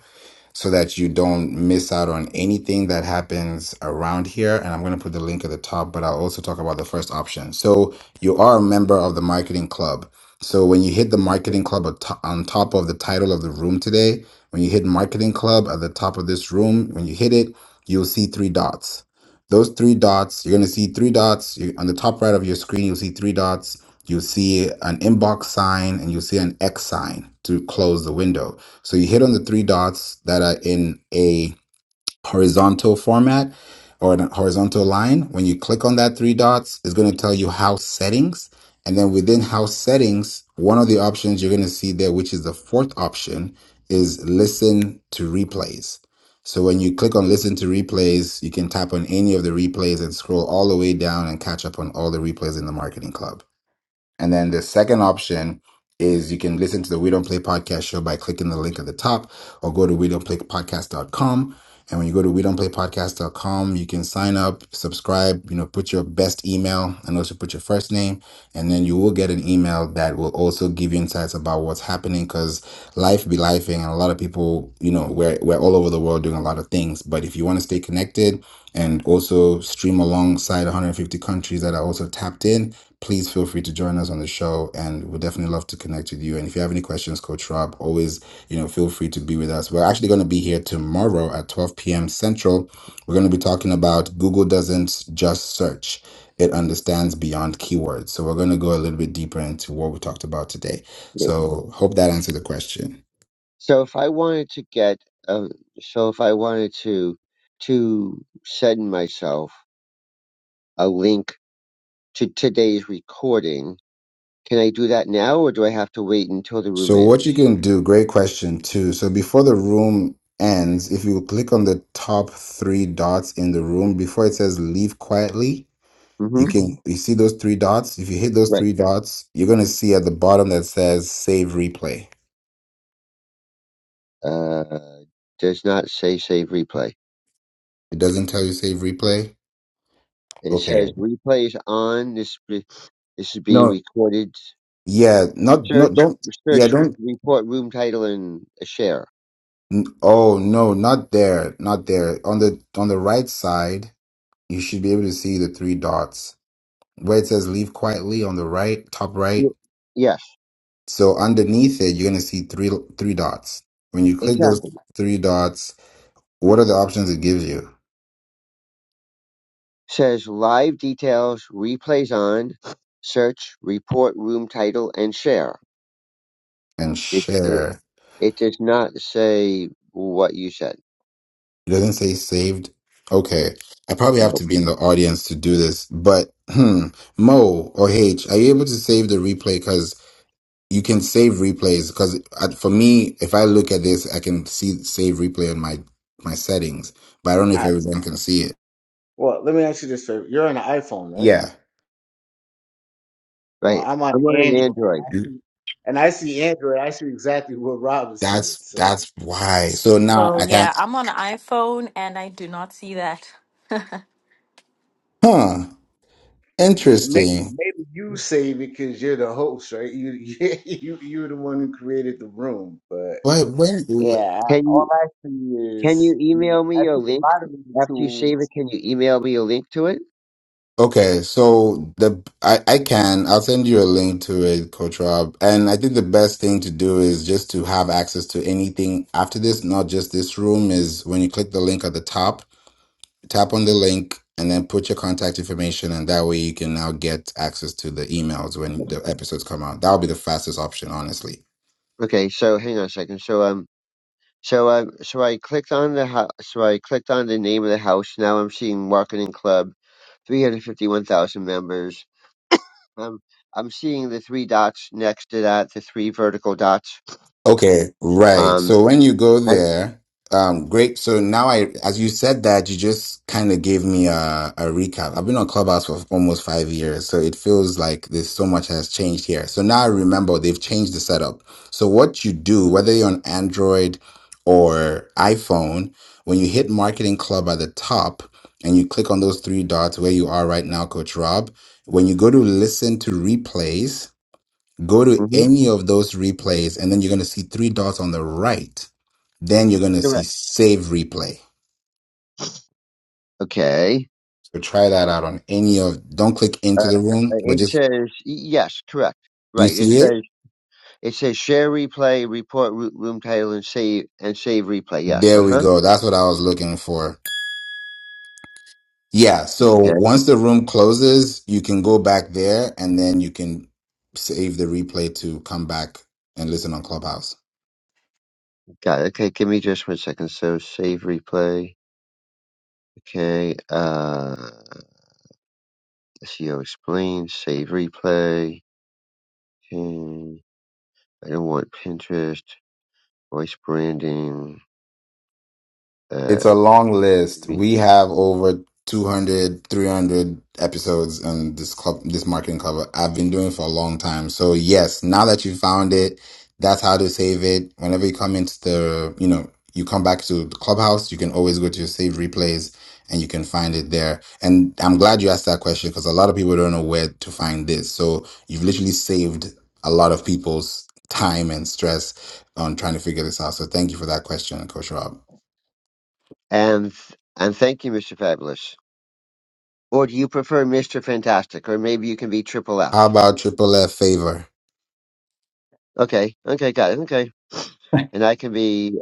Speaker 1: so that you don't miss out on anything that happens around here. And I'm going to put the link at the top, but I'll also talk about the first option. So you are a member of the marketing club. So when you hit the marketing club at- on top of the title of the room today, when you hit marketing club at the top of this room, when you hit it, you'll see three dots. Those three dots, you're going to see three dots you, on the top right of your screen. You'll see three dots. You'll see an inbox sign and you'll see an X sign to close the window. So you hit on the three dots that are in a horizontal format or a horizontal line. When you click on that three dots, it's going to tell you house settings. And then within house settings, one of the options you're going to see there, which is the fourth option, is listen to replays. So when you click on listen to replays, you can tap on any of the replays and scroll all the way down and catch up on all the replays in the marketing club. And then the second option is you can listen to the We Don't Play Podcast show by clicking the link at the top or go to we don't play podcast dot com. And when you go to we don't play podcast dot com, you can sign up, subscribe, you know, put your best email and also put your first name. And then you will get an email that will also give you insights about what's happening because life be lifing. And a lot of people, you know, we're, we're all over the world doing a lot of things. But if you want to stay connected and also stream alongside 150 countries that are also tapped in, please feel free to join us on the show and we'd definitely love to connect with you and if you have any questions coach rob always you know feel free to be with us we're actually going to be here tomorrow at 12 p.m central we're going to be talking about google doesn't just search it understands beyond keywords so we're going to go a little bit deeper into what we talked about today
Speaker 4: Yeah.
Speaker 1: so hope that answered the question
Speaker 4: So if I wanted to get um, so if I wanted to to send myself a link to today's recording Can I do that now, or do I have to wait until the room
Speaker 1: so what
Speaker 4: ends?
Speaker 1: you can do great question too so before the room ends if you click on the top three dots in the room before it says leave quietly You
Speaker 4: Mm-hmm.
Speaker 1: can you see those three dots? If you hit those
Speaker 4: Right.
Speaker 1: three dots, you're gonna see at the bottom that says save replay.
Speaker 4: Uh, does not say save replay.
Speaker 1: It doesn't tell you save replay.
Speaker 4: It
Speaker 1: Okay.
Speaker 4: says replay is on. This re- this is being
Speaker 1: No.
Speaker 4: recorded.
Speaker 1: Yeah. Not. No.
Speaker 4: Search
Speaker 1: Don't. Yeah.
Speaker 4: search
Speaker 1: Don't.
Speaker 4: report room title and a share.
Speaker 1: n- Oh no. Not there. Not there. On the on the right side, you should be able to see the three dots where it says leave quietly on the right top right.
Speaker 4: Y- Yes,
Speaker 1: So underneath it, you're gonna see three three dots. When you click those
Speaker 4: exactly.
Speaker 1: three dots, what are the options it gives you?
Speaker 4: Says live details. Replays on. Search report room title and share.
Speaker 1: And
Speaker 4: It it,
Speaker 1: share.
Speaker 4: it does not say what you said.
Speaker 1: It doesn't say saved. Okay. I probably have to
Speaker 4: Nope.
Speaker 1: be in the audience to do this, but hmm, Mo or H, are you able to save the replay? Because you can save replays. Because for me, if I look at this, I can see save replay on my my settings, but I don't know if
Speaker 3: All right.
Speaker 1: everyone can see it.
Speaker 3: Well, let me ask you this favor. You're on an iPhone, right?
Speaker 1: Yeah,
Speaker 3: Well,
Speaker 4: Right.
Speaker 3: I'm on
Speaker 4: I'm on an
Speaker 3: Android, and
Speaker 4: Android.
Speaker 3: I
Speaker 1: Mm.
Speaker 3: see, and I see Android. I see exactly what Rob is seeing.
Speaker 1: that's
Speaker 3: So
Speaker 1: that's why. So now I
Speaker 5: So
Speaker 1: can.
Speaker 5: yeah, I'm on iPhone and I do not see that.
Speaker 1: Huh.
Speaker 3: m- may-
Speaker 1: Interesting.
Speaker 3: maybe you save it because you're the host, right? You, [LAUGHS] you, you're the one who created the room. But
Speaker 1: What? When?
Speaker 3: yeah, I-
Speaker 4: Can you?
Speaker 3: all I see
Speaker 4: Can
Speaker 3: is
Speaker 4: you
Speaker 3: I, mean,
Speaker 4: email me
Speaker 3: I
Speaker 4: your
Speaker 3: see the
Speaker 4: link
Speaker 3: moderator
Speaker 4: after you save it?
Speaker 3: tools.
Speaker 4: Can you email me a link to it?
Speaker 1: Okay, so the I, I can I'll send you a link to it, Coach Rob. And I think the best thing to do is just to have access to anything after this, not just this room, is when you click the link at the top, tap on the link and then put your contact information and that way you can now get access to the emails when the episodes come out. That'll be the fastest option, honestly.
Speaker 4: Okay, so hang on a second. So um, so um, so I clicked on the house. So I clicked on the name of the house. Now I'm seeing marketing club, three hundred fifty-one thousand members. Um, I'm seeing the three dots next to that, the three vertical dots.
Speaker 1: Okay, right.
Speaker 4: Um,
Speaker 1: So when you go
Speaker 4: and,
Speaker 1: there, um, great. So now I, as you said that, you just kind of gave me a, a recap. I've been on Clubhouse for almost five years, so it feels like there's so much has changed here. So now I remember they've changed the setup. So what you do, whether you're on Android or iPhone, when you hit Marketing Club at the top and you click on those three dots where you are right now, Coach Rob, when you go to listen to replays, Go to
Speaker 4: hmm
Speaker 1: any of those replays, and then you're going to see three dots on the right. Then you're going to see
Speaker 4: correct.
Speaker 1: save replay.
Speaker 4: Okay.
Speaker 1: So try that out on any of, don't click into
Speaker 4: Uh,
Speaker 1: the room, but
Speaker 4: it
Speaker 1: just,
Speaker 4: says yes, correct.
Speaker 1: you
Speaker 4: Right. It
Speaker 1: see
Speaker 4: says.
Speaker 1: it?
Speaker 4: It says share replay, report root room title, and save and save replay. Yes,
Speaker 1: There
Speaker 4: uh
Speaker 1: we
Speaker 4: huh.
Speaker 1: go. That's what I was looking for. Yeah. So
Speaker 4: Okay,
Speaker 1: once the room closes, you can go back there and then you can save the replay to come back and listen on Clubhouse.
Speaker 4: got it. Okay, give me just one second. So save replay. Okay, uh, SEO explain save replay. Okay, I don't want Pinterest voice branding.
Speaker 1: It's
Speaker 4: Uh,
Speaker 1: a long
Speaker 4: give
Speaker 1: list.
Speaker 4: me-
Speaker 1: We have over 200, 300 episodes on this club, this marketing cover I've been doing it for a long time. So yes, now that you found it, that's how to save it. Whenever you come into the, you know, you come back to the clubhouse, you can always go to your save replays and you can find it there. And I'm glad you asked that question because a lot of people don't know where to find this. So you've literally saved a lot of people's time and stress on trying to figure this out. So thank you for that question, Coach Rob.
Speaker 4: and and thank you, Mr. Fabulous. Or do you prefer Mr. Fantastic? Or maybe you can be Triple
Speaker 1: How
Speaker 4: F.
Speaker 1: about Triple F favor?
Speaker 4: Okay, okay, got it. Okay, and I can be.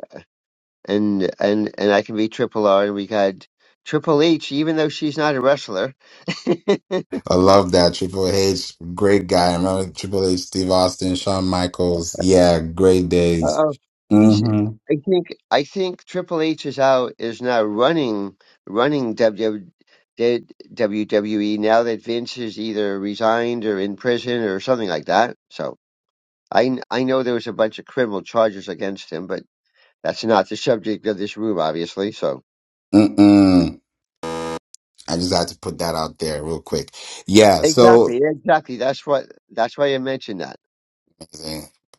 Speaker 4: and and and I can be Triple R, and we had Triple H, even though she's not a wrestler. [LAUGHS] Uh-oh.
Speaker 1: I love that. Triple H, great guy. I remember Triple H, Steve Austin, Shawn Michaels. Yeah, great days.
Speaker 4: He's,
Speaker 1: Mm-hmm.
Speaker 4: I think, I think Triple H is out is now running running WW, WWE now that Vince is either resigned or in prison or something like that. So I I know there was a bunch of criminal charges against him, but that's not the subject of this room, obviously. So
Speaker 1: Mm-mm. I just had to put that out there real quick. Yeah, so
Speaker 4: exactly, exactly. That's what that's why I mentioned that.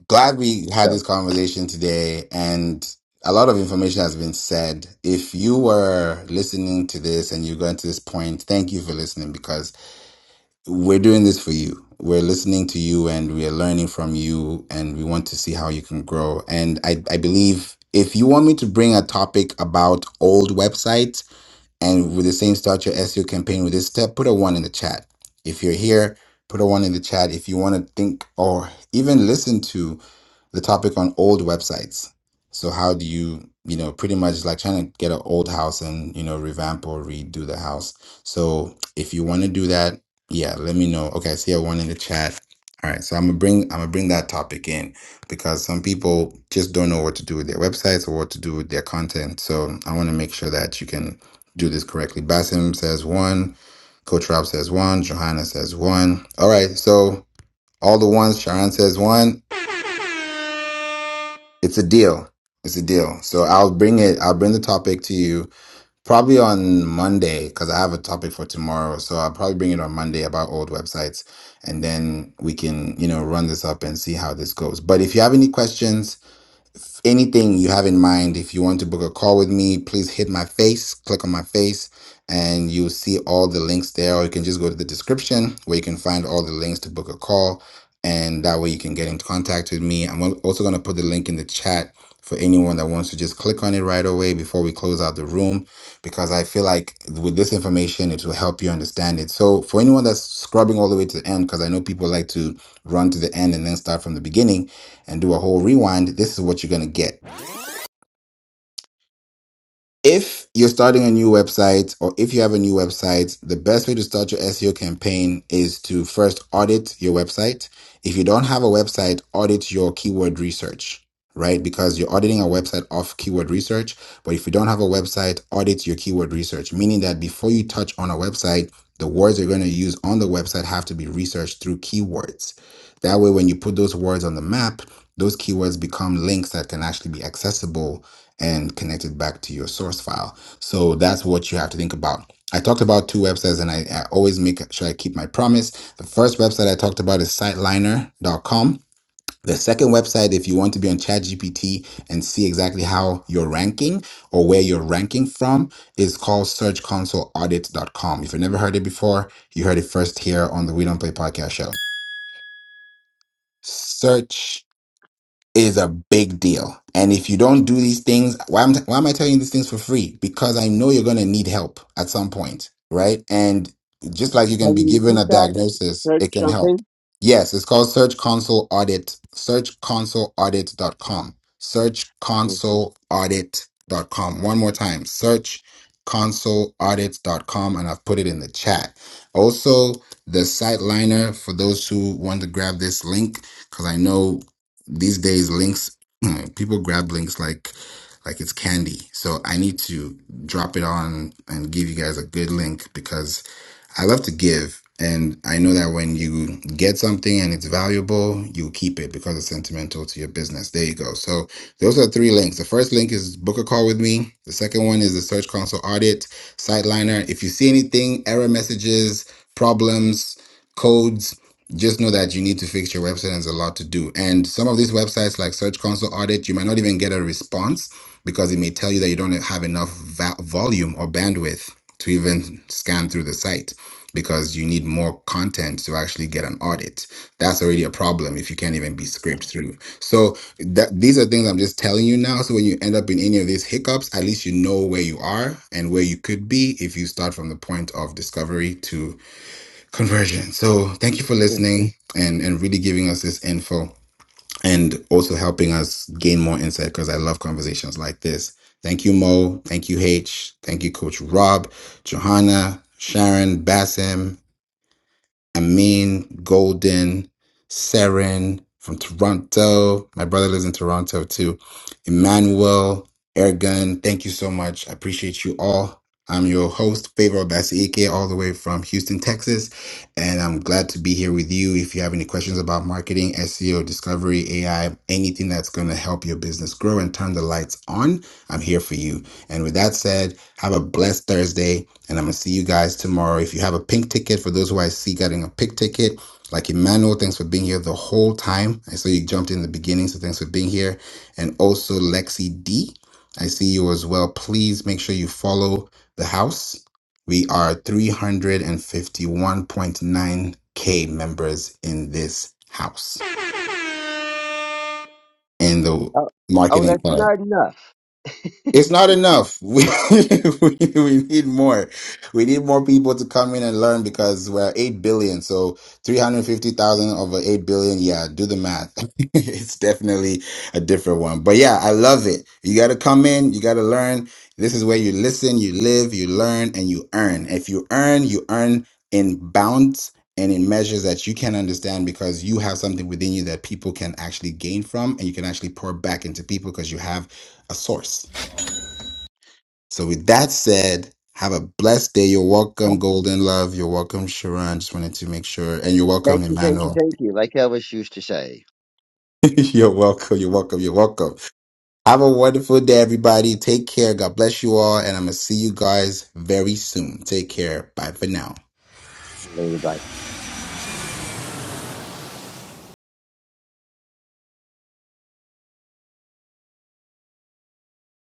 Speaker 1: glad we had this conversation today and a lot of information has been said. If you were listening to this and you got to this point, thank you for listening because we're doing this for you. We're listening to you and we are learning from you and we want to see how you can grow. And I, I believe if you want me to bring a topic about old websites, and with the same, start your SEO campaign with this step. Put a one in the chat. If you're here, put a one in the chat. If you want to think or even listen to the topic on old websites. So how do you, you know, pretty much like trying to get an old house and, you know, revamp or redo the house. So if you want to do that, yeah, let me know. Okay, I see a one in the chat. All right, so I'm gonna bring I'm gonna bring that topic in because some people just don't know what to do with their websites or what to do with their content. So I want to make sure that you can do this correctly. Basim says one. Coach Rob says one. Johanna says one. All right. So all the ones Sharon says one. It's a deal. It's a deal. So I'll bring it. I'll bring the topic to you probably on Monday because I have a topic for tomorrow. So I'll probably bring it on Monday about old websites, and then we can you know run this up and see how this goes. But if you have any questions anything you have in mind, if you want to book a call with me, please hit my face, click on my face, and you'll see all the links there. Or you can just go to the description where you can find all the links to book a call. And that way you can get in contact with me. I'm al- also going to put the link in the chat for anyone that wants to just click on it right away before we close out the room, because I feel like with this information, it will help you understand it. So for anyone that's scrubbing all the way to the end, because I know people like to run to the end and then start from the beginning and do a whole rewind, this is what you're going to get if you're starting a new website or if you have a new website, the best way to start your SEO campaign is to first audit your website. If you don't have a website, audit your keyword research, right? Because you're auditing a website off keyword research. But if you don't have a website, audit your keyword research, meaning that before you touch on a website, the words you're going to use on the website have to be researched through keywords. That way, when you put those words on the map, those keywords become links that can actually be accessible and connect it back to your source file. So that's what you have to think about. I talked about two websites and I, I always make sure I keep my promise. The first website I talked about is siteliner.com. The second website, if you want to be on ChatGPT and see exactly how you're ranking or where you're ranking from, is called searchconsoleaudit.com. If you've never heard it before, you heard it first here on the We Don't Play podcast show. Search is a big deal. And if you don't do these things, why am, why am I telling you these things for free? Because I know you're going to need help at some point, right? And just like you can
Speaker 4: Can
Speaker 1: be
Speaker 4: you
Speaker 1: given a
Speaker 4: repeat that?
Speaker 1: diagnosis,
Speaker 4: Church
Speaker 1: it can help.
Speaker 4: something?
Speaker 1: Yes, it's called Search Console Audit, searchconsoleaudit.com, searchconsoleaudit.com. One more time, searchconsoleaudit.com, and I've put it in the chat. Also, the site liner for those who want to grab this link, because I know these days, links [CLEARS THROAT] people grab links like like it's candy. So I need to drop it on and give you guys a good link because. I love to give. And I know that when you get something and it's valuable, you keep it because it's sentimental to your business. There you go. So those are three links. The first link is book a call with me. The second one is the Search Console audit, Siteliner. If you see anything, error messages, problems, codes, just know that you need to fix your website and there's a lot to do. And some of these websites like Search Console audit, you might not even get a response because it may tell you that you don't have enough va- volume or bandwidth to even scan through the site because you need more content to actually get an audit. That's already a problem if you can't even be scraped through. So that these are things I'm just telling you now. So when you end up in any of these hiccups, at least you know where you are and where you could be if you start from the point of discovery to conversion. So thank you for listening and and really giving us this info and also helping us gain more insight because I love conversations like this. Thank you, Mo. Thank you, H. Thank you, Coach Rob, Johanna, Sharon, Bassem, Amin Golden, Seren from Toronto. My brother lives in Toronto too. Emmanuel, Airgun, thank you so much. I appreciate you all. I'm your host, Favor Obasiike, all the way from Houston, Texas. And I'm glad to be here with you. If you have any questions about marketing, SEO, discovery, AI, anything that's going to help your business grow and turn the lights on, I'm here for you. And with that said, have a blessed Thursday. And I'm gonna see you guys tomorrow. If you have a pink ticket, for those who I see getting a pink ticket, like Emmanuel, thanks for being here the whole time. I saw you jumped in the beginning, so thanks for being here. And also Lexi D, I see you as well. Please make sure you follow the house. We are 351.9k members in this house in the
Speaker 4: Oh, oh,
Speaker 1: marketing
Speaker 4: that's
Speaker 1: club.
Speaker 4: not enough.
Speaker 1: It's not enough. [LAUGHS] We, we we need more. We need more people to come in and learn because we're eight billion. So three hundred fifty thousand over eight billion. Yeah, do the math. [LAUGHS] it's definitely a different one. But yeah, I love it. You got to come in. You got to learn. This is where you listen, you live, you learn, and you earn. If you earn, you earn in bounds and in measures that you can understand because you have something within you that people can actually gain from, and you can actually pour back into people because you have a source. So with that said, have a blessed day. You're welcome, Golden Love. You're welcome, Sharon. Just wanted to make sure. And you're
Speaker 4: Thank
Speaker 1: welcome,
Speaker 4: you, thank you,
Speaker 1: Emmanuel.
Speaker 4: thank you. Like Elvis used to say.
Speaker 1: [LAUGHS] you're welcome. You're welcome. You're welcome. Have a wonderful day, everybody. Take care. God bless you all. And I'm going to see you guys very soon. Take care. Bye for now.
Speaker 4: Later, bye.